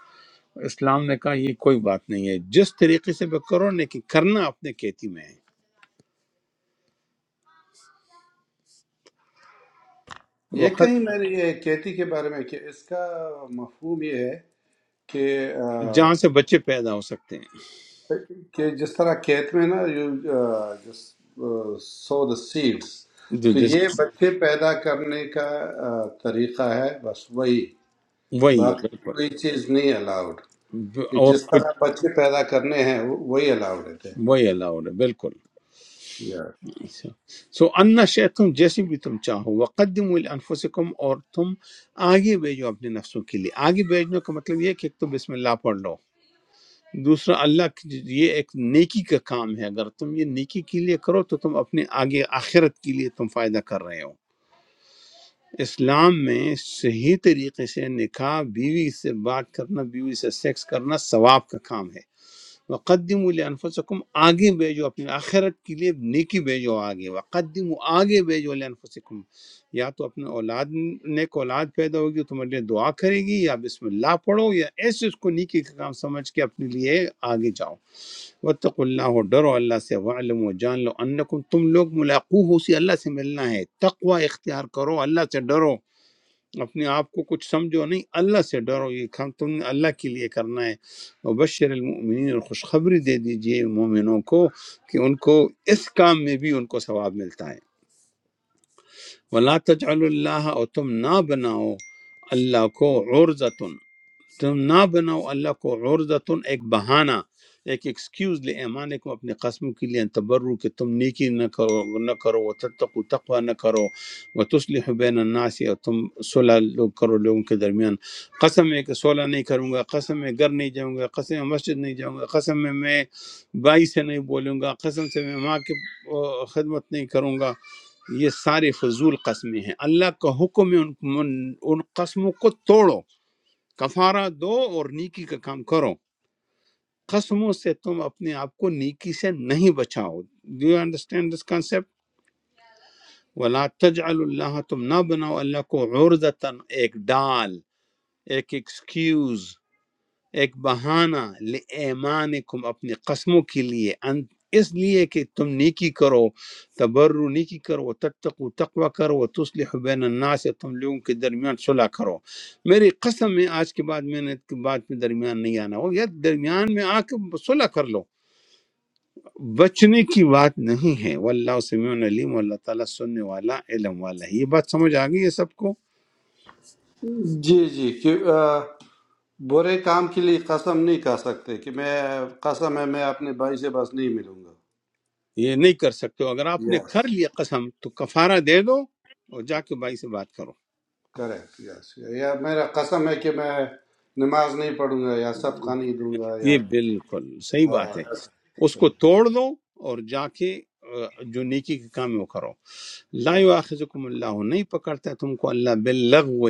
اسلام نے کہا یہ کوئی بات نہیں ہے جس طریقے سے بھی کرو لیکن کرنا اپنے کیتی میں ہے
یہ
وقت
کہیں میری یہ کیتی کے بارے میں کہ اس کا مفہوم یہ ہے کہ آ،
جہاں سے بچے پیدا ہو سکتے
کہ جس طرح کھیت میں نا یو سو دا سیڈس تو
ہیں
یہ بچے پیدا کرنے کا آ، طریقہ ہے بس وہی
وہی ہے
باقی
بالکل
کوئی چیز نہیں الاؤڈ
ب-
کہ
اور
جس طرح
کچھ
بچے پیدا کرنے ہیں وہ- وہی الاؤڈ رہتے ہیں
وہی الاؤڈ ہے بالکل
Yeah.
سو انا شیتم جیسے بھی تم چاہو وقدم الانفسکم اور تم آگے بھیجو اپنے نفسوں کے لیے آگے بھیجنے کا مطلب یہ ہے کہ ایک تو بسم اللہ پڑھ لو دوسرا اللہ کی- یہ ایک نیکی کا کام ہے اگر تم یہ نیکی کے لیے کرو تو تم اپنے آگے آخرت کے لیے تم فائدہ کر رہے ہو اسلام میں صحیح طریقے سے نکاح بیوی سے بات کرنا بیوی سے سیکس کرنا ثواب کا کام ہے وقدم لانفسکم آگے بھیجو اپنی آخرت کے لیے نیکی بھیجو آگے وقدم آگے بھیجو لانفسکم یا تو اپنے اولاد نیک اولاد پیدا ہوگی تو تمہارے لیے دعا کرے گی یا بسم اللہ پڑھو یا ایسے اس کو نیکی کا کام سمجھ کے اپنے لیے آگے جاؤ وتق اللہ اور ڈرو اللہ سے وعلم و جان لو انکم تم لوگ ملاقو ہو اسی اللہ سے ملنا ہے تقوی اختیار کرو اللہ سے ڈرو اپنے آپ کو کچھ سمجھو نہیں اللہ سے ڈرو یہ کام تم نے اللہ کے لیے کرنا ہے اور بشر المؤمنین اور خوشخبری دے دیجئے مومنوں کو کہ ان کو اس کام میں بھی ان کو ثواب ملتا ہے ولا تجعل اللہ اور تم نہ بناؤ اللہ کو عرضۃ تم نہ بناؤ اللہ کو عرضتن ایک بہانہ ایک ایکسکیوز لے ایمانکم اپنے قسم کے لیے ان تبرو کہ تم نیکی نہ کرو نہ کرو وہ تتقو تقوی نہ کرو وہ تصلح بین الناس اور تم صلح لوگ کرو لوگوں کے درمیان قسم ہے کہ صلح نہیں کروں گا قسم ہے گھر نہیں جاؤں گا قسم ہے مسجد نہیں جاؤں گا قسم ہے میں بائی سے نہیں بولوں گا قسم سے میں ماں کی آہ، خدمت نہیں کروں گا یہ سارے فضول قسمیں ہیں اللہ کا حکم ہے ان ان ان قسموں کو توڑو کفارہ دو اور نیکی کا کام کرو قسموں سے تم اپنے آپ کو نیکی سے نہیں بچاؤ do you understand this concept ولا تجعل اللہ تم نہ بناؤ اللہ کو عرضتاً ایک ڈال ایک ایکسکیوز ایک بہانہ لِایمانکم اپنی قسموں کے لیے ان اس لیے کہ تم نیکی کرو تبرو نیکی کرو و تتقو تقوی کرو و تصلح بین الناس تم لوگوں کے درمیان صلح کرو میری قسم میں آج کے بعد میں نے اس کے بعد میں درمیان نہیں آنا ہو یا درمیان میں آ کے صلح کر لو بچنے کی بات نہیں ہے واللہ سمیع علیم اللہ تعالیٰ سننے والا علم والا ہے۔ یہ بات سمجھ آ گئی ہے سب کو
جی جی کہ آ، برے کام کے لیے قسم نہیں کھا سکتے کہ میں قسم ہے میں اپنے بھائی سے بس نہیں ملوں
یہ نہیں کر سکتے ہو اگر آپ نے
گا
کر لیا قسم تو کفارہ دے دو اور جا کے بھائی سے بات کرو
کریکٹ یس یا میرا قسم ہے کہ میں نماز نہیں پڑھوں گا یا صدقہ نہیں دوں گا یا
یہ بالکل صحیح
آہ،
بات ہے
ایسا
اس کو
کچھ۔
توڑ دو اور جا کے آ، جو نیکی کے کام ہے وہ کرو لا یؤاخذکم اللہ نہیں پکڑتا ہے تم کو اللہ باللغو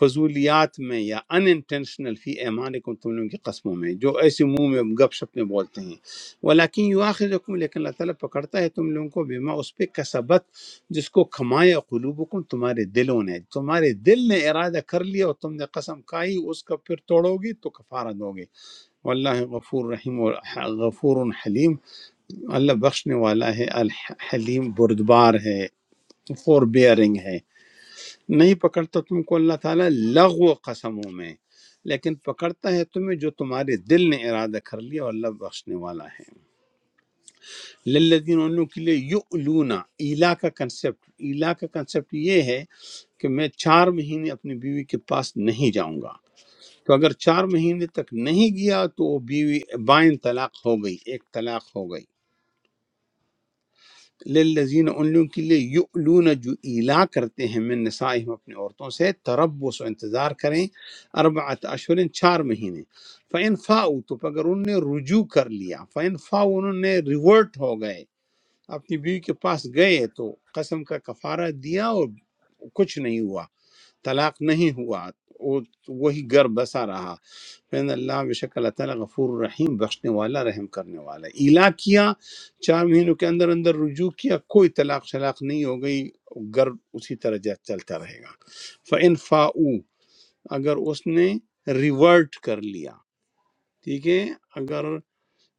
فضولیات میں یا ان انٹینشنل فی ایمانکم تم لوگوں کی قسموں میں جو ایسے منہ میں گپ شپ میں بولتے ہیں ولیکن یؤاخذکم لیکن اللہ تعالیٰ پکڑتا ہے تم لوگوں کو بما اس پہ کسبت جس کو کھمایا قلوبکم تمہارے دلوں نے تمہارے دل نے ارادہ کر لیا اور تم نے قسم کھائی اس کا پھر توڑو گی تو کفارہ دو گے واللہ غفور رحیم اور غفور حلیم اللہ بخشنے والا ہے الحلیم بردبار ہے فور بیئرنگ ہے نہیں پکڑتا تم کو اللہ تعالیٰ لغو قسموں میں لیکن پکڑتا ہے تمہیں جو تمہارے دل نے ارادہ کر لیا اور اللہ بخشنے والا ہے للذین ان لوگوں کے لیے یؤلونا ایلا کا کنسپٹ ایلا کا کنسپٹ یہ ہے کہ میں چار مہینے اپنی بیوی کے پاس نہیں جاؤں گا تو اگر چار مہینے تک نہیں گیا تو وہ بیوی بائن طلاق ہو گئی ایک طلاق ہو گئی للذین ان لوگوں کے لیے یؤلون جو ایلا کرتے ہیں من نسائہم اپنے عورتوں سے تربس و انتظار کریں اربعت اشہر چار مہینے فَإِن فاؤ تو اگر انہوں نے رجوع کر لیا فَإِن فاؤ انہوں نے ریورٹ ہو گئے اپنی بیوی کے پاس گئے تو قسم کا کفارہ دیا اور کچھ نہیں ہوا طلاق نہیں ہوا وہ- وہی گھر بسا رہا فین اللہ بے شک اللہ تعالیٰ غفور رحیم بخشنے والا رحم کرنے والا ہے۔ ایلا کیا چار مہینوں کے اندر اندر رجوع کیا کوئی طلاق شلاق نہیں ہو گئی گھر اسی طرح جا- چلتا رہے گا فن فاؤ اگر اس نے ریورٹ کر لیا ٹھیک ہے اگر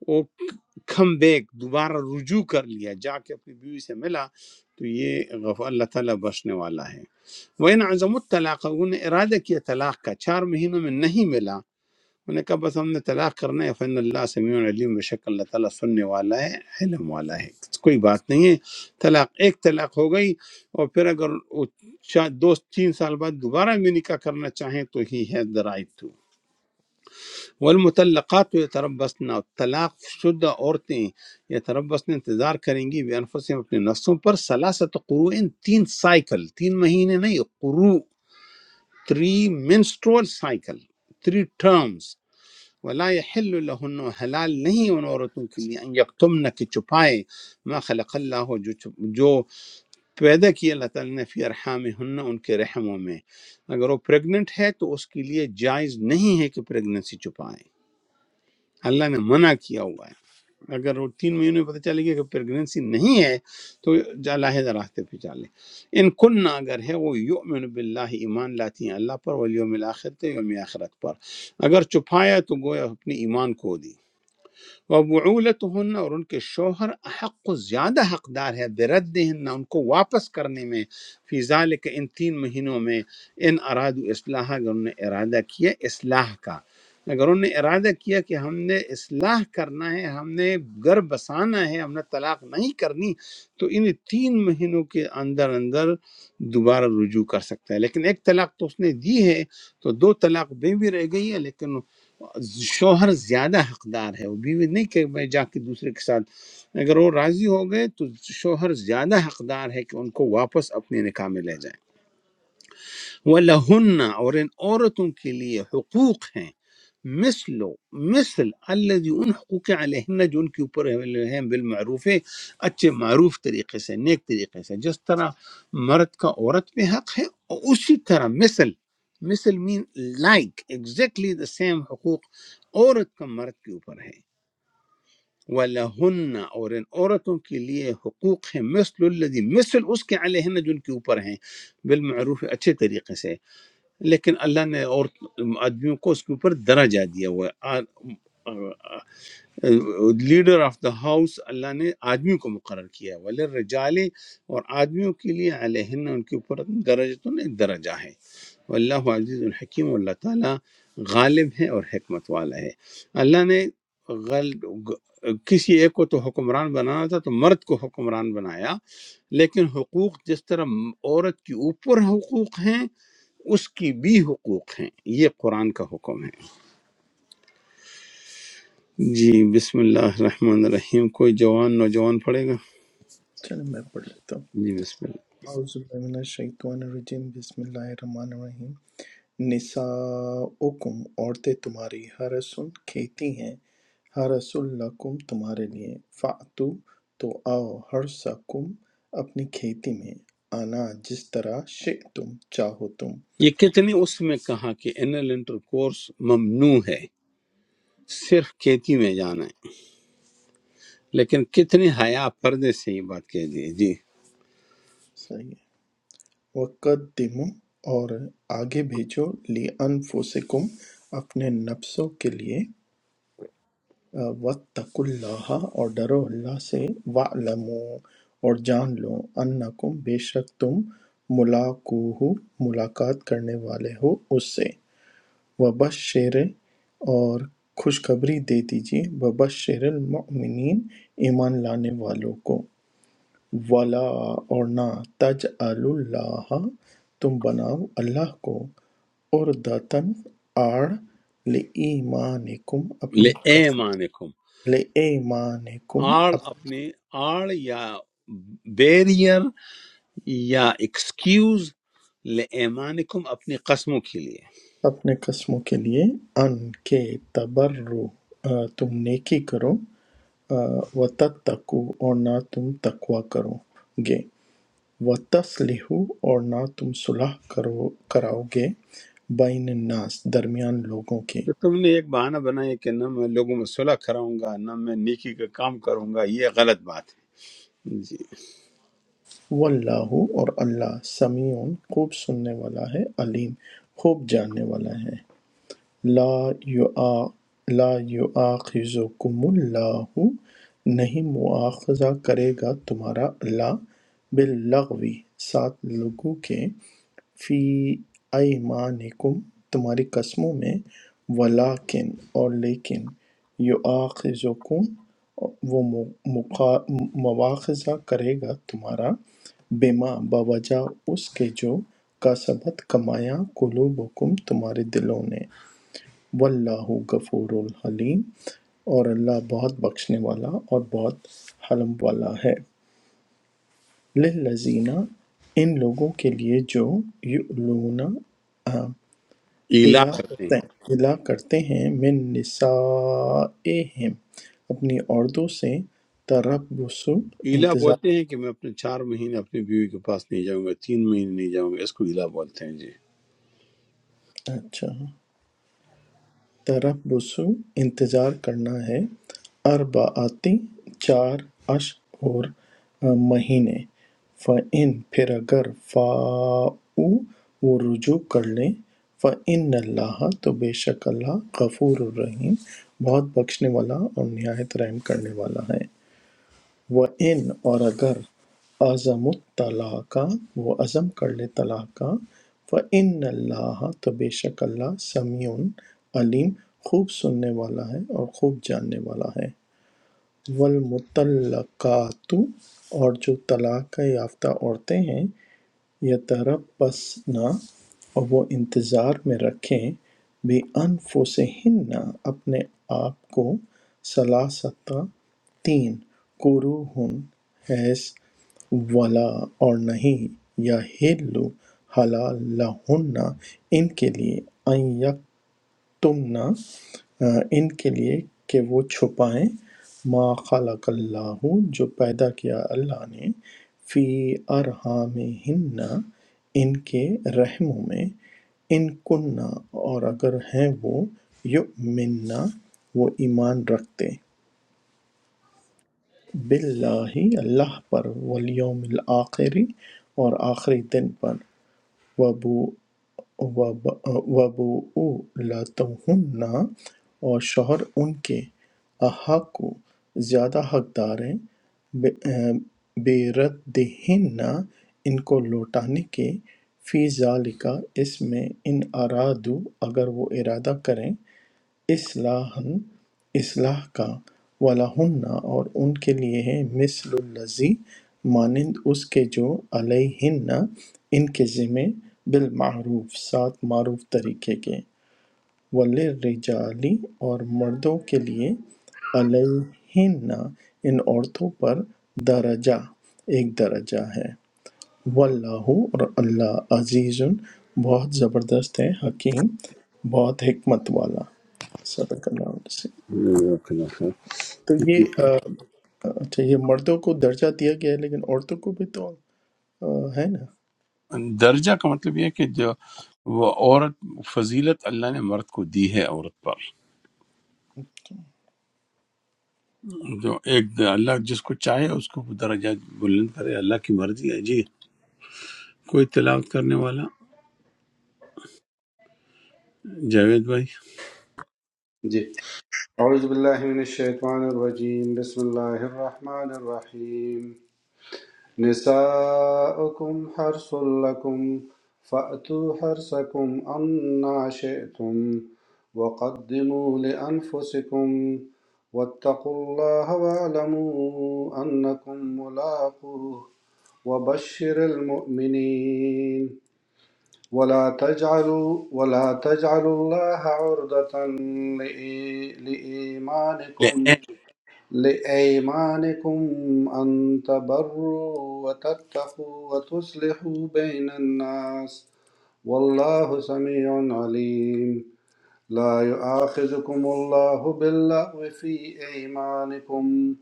وہ کم بیک دوبارہ رجوع کر لیا جا کے اپنی بیوی سے ملا تو یہ غف اللہ تعالیٰ بخشنے والا ہے وہ ان عزم الطلاق انہوں نے ارادہ کیا طلاق کا چار مہینوں میں نہیں ملا انہوں نے کہا بس ہم نے طلاق کرنا ہے فن اللہ سمیع علیم بے شک اللہ تعالیٰ سننے والا ہے علم والا ہے کوئی بات نہیں ہے طلاق ایک طلاق ہو گئی اور پھر اگر وہ چا- دو تین سال بعد دوبارہ بھی نکاح کرنا چاہیں تو ہی ہے دا رائٹ ٹو والمطلقات یتربصن طلاق شدہ عورتیں یتربصن انتظار کریں گی بے انفسهم اپنے نفسوں پر سلاست قروء تین سائیکل تین مہینے نہیں قروء three menstrual cycle three terms ولا یحل لهن حلال نہیں ان عورتوں کے لیے ان یکتمن کہ چھپائے ما خلق اللہ جو چھپ- جو پیدا کیا اللہ تعالی نے فی ارحام ہن ان کے رحموں میں اگر وہ پریگنٹ ہے تو اس کے لیے جائز نہیں ہے کہ پریگننسی چھپائے اللہ نے منع کیا ہوا ہے اگر وہ تین مہینے میں پتہ چلے گی کہ پریگنینسی نہیں ہے تو جا لاہدہ راستے پہ چالیں ان کن اگر ہے وہ یؤمن باللہ ایمان لاتی ہیں اللہ پر والیوم الاخر تے یوم آخرت پر اگر چھپایا تو گویا اپنے ایمان کو دی وبعولتهن اور ان کے شوہر حق و زیادہ حقدار ہے بردہن ان کو واپس کرنے میں فی ذالک ان تین مہینوں میں ان اراد اصلاح اگر انہوں نے ارادہ کیا اصلاح کا اگر انہوں نے ارادہ کیا کہ ہم نے اصلاح کرنا ہے ہم نے گھر بسانا ہے ہم نے طلاق نہیں کرنی تو ان تین مہینوں کے اندر اندر دوبارہ رجوع کر سکتا ہے لیکن ایک طلاق تو اس نے دی ہے تو دو طلاق بے بھی رہ گئی ہے لیکن شوہر زیادہ حقدار ہے وہ بیوی نہیں کہ میں جا کے دوسرے کے ساتھ اگر وہ راضی ہو گئے تو شوہر زیادہ حقدار ہے کہ ان کو واپس اپنے نکاح میں لے جائے ولهن और इन औरतों के लिए حقوق हैं مثل مثل الذي उन حقوق के عليهن जो उनके ऊपर हैं بالمعروف है अच्छे معروف तरीके से नेक तरीके से जिस तरह मर्द का औरत पे हक है और उसी तरह مثل مثل mean like exactly the same حقوق औरत का मर्द के ऊपर है ولهن और इन औरतों के लिए حقوق हैं مثل الذي مثل उसके عليهن जो उनके ऊपर हैं بالمعروف अच्छे तरीके से لیکن اللہ نے اور آدمیوں کو اس کے اوپر درجہ دیا ہوا ہے a- leader of the house اللہ نے آدمی کو مقرر کیا ہے وللرجال اور آدمیوں کے لیے علیہن ان کے اوپر درجہ ایک درجہ ہے واللہ عزیز الحکیم اللہ تعالیٰ غالب ہے اور حکمت والا ہے اللہ نے غل... گ- کسی ایک کو تو حکمران بنانا تھا تو مرد کو حکمران بنایا لیکن حقوق جس طرح عورت کے اوپر حقوق ہیں اس کی بھی حقوق ہیں یہ قرآن کا حکم ہے جی بسم اللہ الرحمن الرحیم کوئی جوان نوجوان پڑھے گا
چلیں میں پڑھ لیتا ہوں
جی بسم اللہ
اعوذ باللہ من الشیطان الرجیم بسم اللہ الرحمن الرحیم نساؤکم عورتیں تمہاری حرسن کھیتی ہیں حرس لکم تمہارے لیے فاتو تو آؤ حرسکم اپنی کھیتی میں آنا جس طرح شئ تم چاہو تم
یہ کتنی اس میں کہا کہ انل انٹر کورس ممنوع ہے صرف کھیتی میں جانا ہے لیکن کتنی حیا پردے سے یہ بات کہہ دی ہے، جی
وَقَدِّمُوا اور آگے بھیجو لِأَنفُسِکُم اپنے نفسوں کے لیے وَاتَّقُوا اللَّہِ اور ڈرو اللہ سے وَاعْلَمُوا اور جان لو انکم بے شک تم ملاقوہ ملاقات کرنے والے ہو اس سے وبشر اور خوشخبری دے دیجیے وبشر المؤمنین ایمان لانے والوں کو ولا اور نہ تج اللہ تم بناؤ اللہ کو عُرْدَةً آڑ لِایمانِکم اپنی
لے
قسم
ایمانکم
لِایمانِکم
آڑ
اپ-
اپنے آڑ یا بیریئر یا ایکسکیوز لے ایمانکم اپنی قسموں کے لیے
اپنے قسموں کے لیے ان کے تبرو آ، تم نیکی کرو آ، وتتقو اور نہ تم تقوی کرو گے وتسلحو اور نہ تم صلح کرو کراؤ گے بین الناس درمیان لوگوں کے
تو تم نے ایک بہانہ بنایا کہ نہ میں لوگوں میں صلح کراؤں گا نہ میں نیکی کا کام کروں گا یہ غلط بات ہے جی
واللہ اور اللہ سمیع خوب سننے والا ہے علیم خوب جاننے والا ہے لا یؤاخذکم اللہ نہیں مواخذہ کرے گا تمہارا اللہ باللغو سات لوگوں کے فی ایمانکم تمہاری قسموں میں ولیکن اور لیکن یؤاخذکم وہ مو- مقا- مواخذہ کرے گا تمہارا بما بوجہ اس کے جو کا سبت کمایا قلوبکم تمہارے دلوں نے واللہ غفور الحلیم اور اللہ بہت بخشنے والا اور بہت حلم والا ہے للذین ان لوگوں کے لیے جو یؤلون آ،
ایلا
الا
کرتے ہیں
کرتے الا کرتے ہیں من نسائہم اپنی عورتوں سے تربص
ایلا
انتظار
بولتے ہیں کہ میں اپنے چار مہینے اپنی بیوی کے پاس نہیں جاؤں گا تین مہینے نہیں جاؤں گا اس کو ایلا بولتے ہیں جی
اچھا تربصُ انتظار کرنا ہے اربعۃ چار اشہر مہینے فَإِن پھر اگر فَاؤوا وہ رجوع کر لیں فَإِنَّ اللَّهَ تو بے شک اللہ غفور الرحیم بہت بخشنے والا اور نہایت رحم کرنے والا ہے ان اور اگر عزم الطلاق وہ عزم کر لے طلاق کا فَإِنَّ اللَّهَ تو بے شک اللہ سمیع علیم خوب سننے والا ہے اور خوب جاننے والا ہے والمطلقات اور جو طلاق کا یافتہ عورتیں ہیں یتربصن اور وہ انتظار میں رکھیں بانفسہن اپنے آپ کو ثلاثتا تین قروہن حیث ولا اور نہیں یا ہلو حلال لہن ان کے لیے ان تم نہ آ، ان کے لیے کہ وہ چھپائیں ما خلق اللہ جو پیدا کیا اللہ نے فی ارحامہن ان کے رحموں میں ان کننا اور اگر ہیں وہ یؤمننا وہ ایمان رکھتے باللہ اللہ پر والیوم الآخری اور آخری دن پر وبؤلتہن اور شوہر ان کے احق زیادہ حقدار ہیں بے ردہن ان کو لوٹانے کے فی ذالکا اس میں ان ارادو اگر وہ ارادہ کریں اصلاً اصلاح کا وَلَہُنَّ اور ان کے لیے ہے مثل الذی مانند اس کے جو علیہن ان کے ذمے بالمعروف سات معروف طریقے کے وللرجالی اور مردوں کے لیے علیہن ان عورتوں پر درجہ ایک درجہ ہے واللہ اور اللہ عزیز بہت زبردست ہے حکیم بہت حکمت والا صدق اللہ علیہ وسلم
جزاک اللہ خیر۔
تو یہ آ، اچھا یہ مردوں کو درجہ دیا گیا ہے لیکن عورتوں کو بھی تو آ، ہے نا
جی۔ درجہ کا مطلب یہ ہے کہ جو وہ عورت فضیلت اللہ نے مرد کو دی ہے عورت پر جو ایک اللہ جس کو چاہے اس کو وہ درجہ بلند کرے اللہ کی مرضی ہے جی کوئی تلاوت کرنے والا جاوید
جی اعوذ باللہ من الشیطان الرجیم بسم اللہ الرحمن الرحیم نساؤکم حرث لکم فأتوا حرثکم انا شئتم وقدموا لأنفسکم واتقوا اللہ واعلموا انکم ملاقوه وبشر المؤمنين ولا تجعلوا ولا تجعلوا الله عرضة لإي-
بھائی
لإيمانكم لأيمانكم أن تبروا وتتقوا وتصلحوا بين الناس والله سميع عليم لا يؤاخذكم الله باللغو في أيمانكم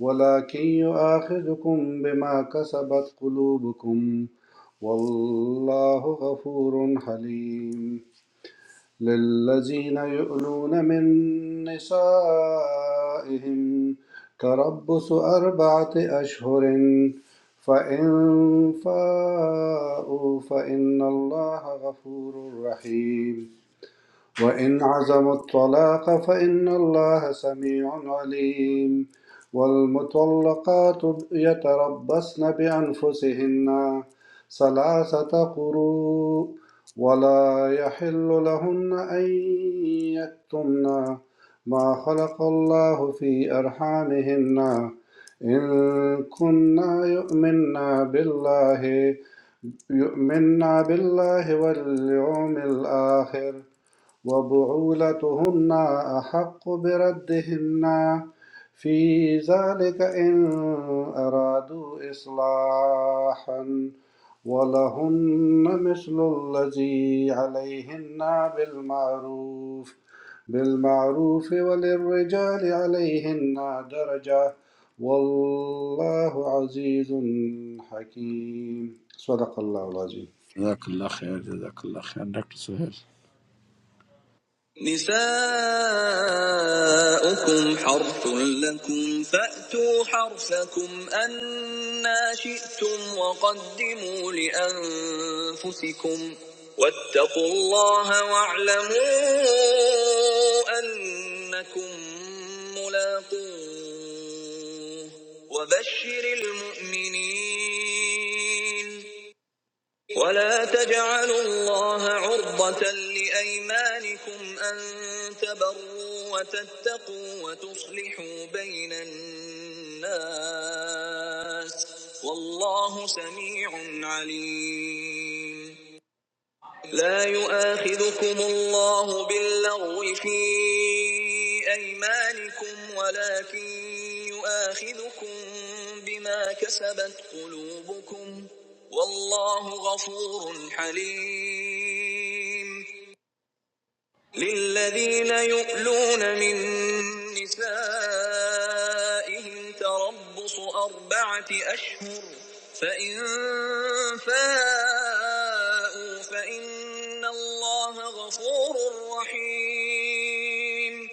ولكن يؤاخذكم بما كسبت قلوبكم والله غفور حليم للذين يؤلون من نسائهم تربص أربعة أشهر فإن فاءوا فإن الله غفور رحيم وإن عزموا الطلاق فإن الله سميع عليم والمطلقات يتربصن بأنفسهن ثلاثة قروء ولا يحل لهن أن يكتمن ما خلق الله في أرحامهن إن كنا يؤمن بالله يؤمن بالله واليوم الآخر وبعولتهن أحق بردهن في ذلك إن أرادوا إصلاحا ولهن مثل الذي عليهن بالمعروف بالمعروف وللرجال عليهن درجة والله عزيز حكيم صدق الله العظيم
جزاک اللہ خیر جزاک اللہ خیر ڈاکٹر سہیل
نساؤكم حرث لكم فأتوا حرثكم أنا شئتم وقدموا لأنفسكم واتقوا الله واعلموا أنكم ملاقوه وبشر المؤمنين ولا تجعلوا الله عرضة لأيمانكم أن تبروا وتتقوا وتصلحوا بين الناس والله سميع عليم لا يؤاخذكم الله باللغو في أيمانكم ولكن يؤاخذكم بما كسبت قلوبكم والله غفور حليم للذين يؤلون من نسائهم تربص أربعة أشهر فإن فاءوا فإن الله غفور رحيم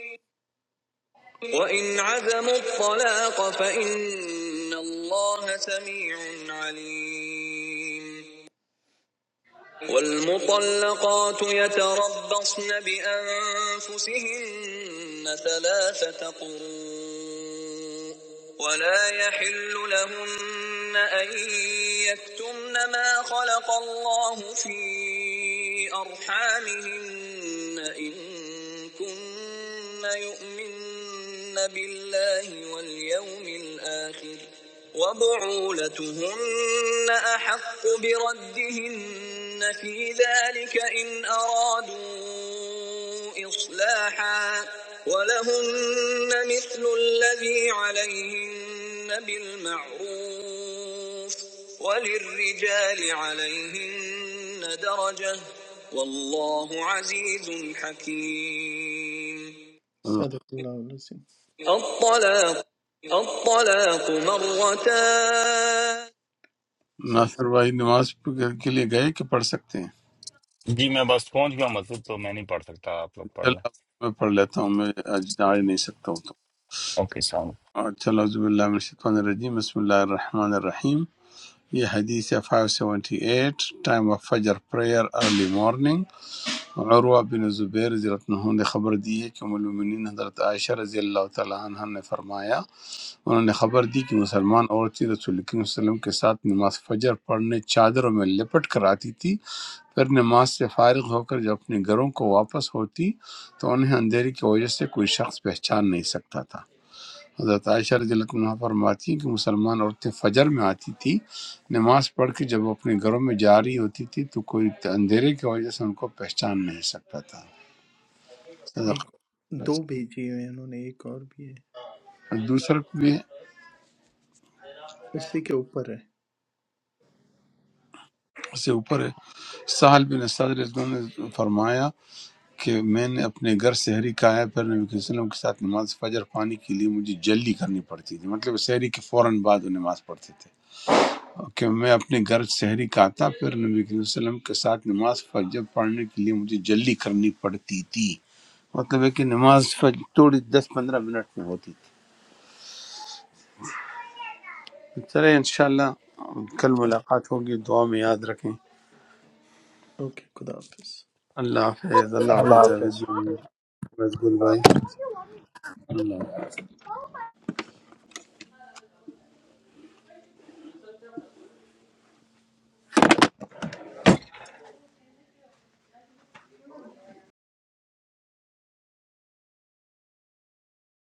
وإن عزموا الطلاق فإن الله سميع عليم والمطلقات يتربصن بأنفسهن ثلاثة قروء ولا يحل لهن أن يكتمن ما خلق الله في أرحامهن إن كن يؤمن بالله واليوم الآخر وبعولتهن أحق بردهن في ذلك إن أرادوا إصلاحا ولهن مثل الذي عليهن بالمعروف وللرجال عليهن درجة والله عزيز حكيم صدق اللہ العظیم الطلاق الطلاق مرتان صدق
ناصر بھائی نماز پڑھ- کے لیے گئے کہ پڑھ سکتے ہیں
जी मैं बस पहुंच गया हूँ, मतलब तो मैं नहीं पढ़ सकता आप लोग पढ़
چلو اب
लें
میں پڑھ لیتا ہوں میں آج آ ہی نہیں سکتا ہوں
ओके सलाम।
تو چلو عزب اللہ من الشیطان الرجیم بسم اللہ الرحمن الرحیم یہ حدیث ہے 578 time of Fajr prayer early morning عروہ بن زبیر رضی اللہ عنہ نے خبر دی ہے کہ ام المؤمنین حضرت عائشہ رضی اللہ تعالی عنہ نے فرمایا انہوں نے خبر دی کہ مسلمان عورتیں رسول کریم صلی اللہ علیہ وسلم کے ساتھ نماز فجر پڑھنے چادروں میں لپٹ کر آتی تھی پھر نماز سے فارغ ہو کر جب اپنے گھروں کو واپس ہوتی تو انہیں اندھیرے کی وجہ سے کوئی شخص پہچان نہیں سکتا تھا حضرت عائشہ رضی اللہ عنہ فرماتی ہیں کہ مسلمان عورتیں فجر میں آتی تھی نماز پڑھ کے جب وہ اپنے گھروں میں جاری ہوتی تھی تو کوئی اندھیرے کی وجہ سے ان کو پہچان نہیں سکتا تھا صدق
ایک
اللہ علیہ
دو بھیجی ہوئے ہیں انہوں نے ایک اور بھی ہے
وسلم۔ دوسرا بھی
اسی کے اوپر ہے
اس سے اوپر ہے سہل بن سعد رضی اللہ عنہ نے فرمایا کہ میں نے اپنے گھر سحری کا ہے پھر نبی صلی اللہ علیہ وسلم کے ساتھ نماز فجر پانی کے لیے مجھے جلدی کرنی پڑتی تھی مطلب سحری کے فوراً بعد وہ نماز پڑھتے تھے کہ میں اپنے گھر سحری کا آتا پھر نبی صلی اللہ علیہ وسلم کے ساتھ نماز فجر پڑھنے کے لیے مجھے جلدی کرنی پڑتی تھی مطلب ہے کہ نماز فجر تھوڑی دس پندرہ منٹ میں ہوتی تھی چلے انشاءاللہ کل
چلیں
ملاقات ہوگی دعا میں یاد رکھیں
اوکے خدا حافظ
اللہ حافظ اللہ حافظ
all.
جاوید بھائی مزگل بھائی اللہ حافظ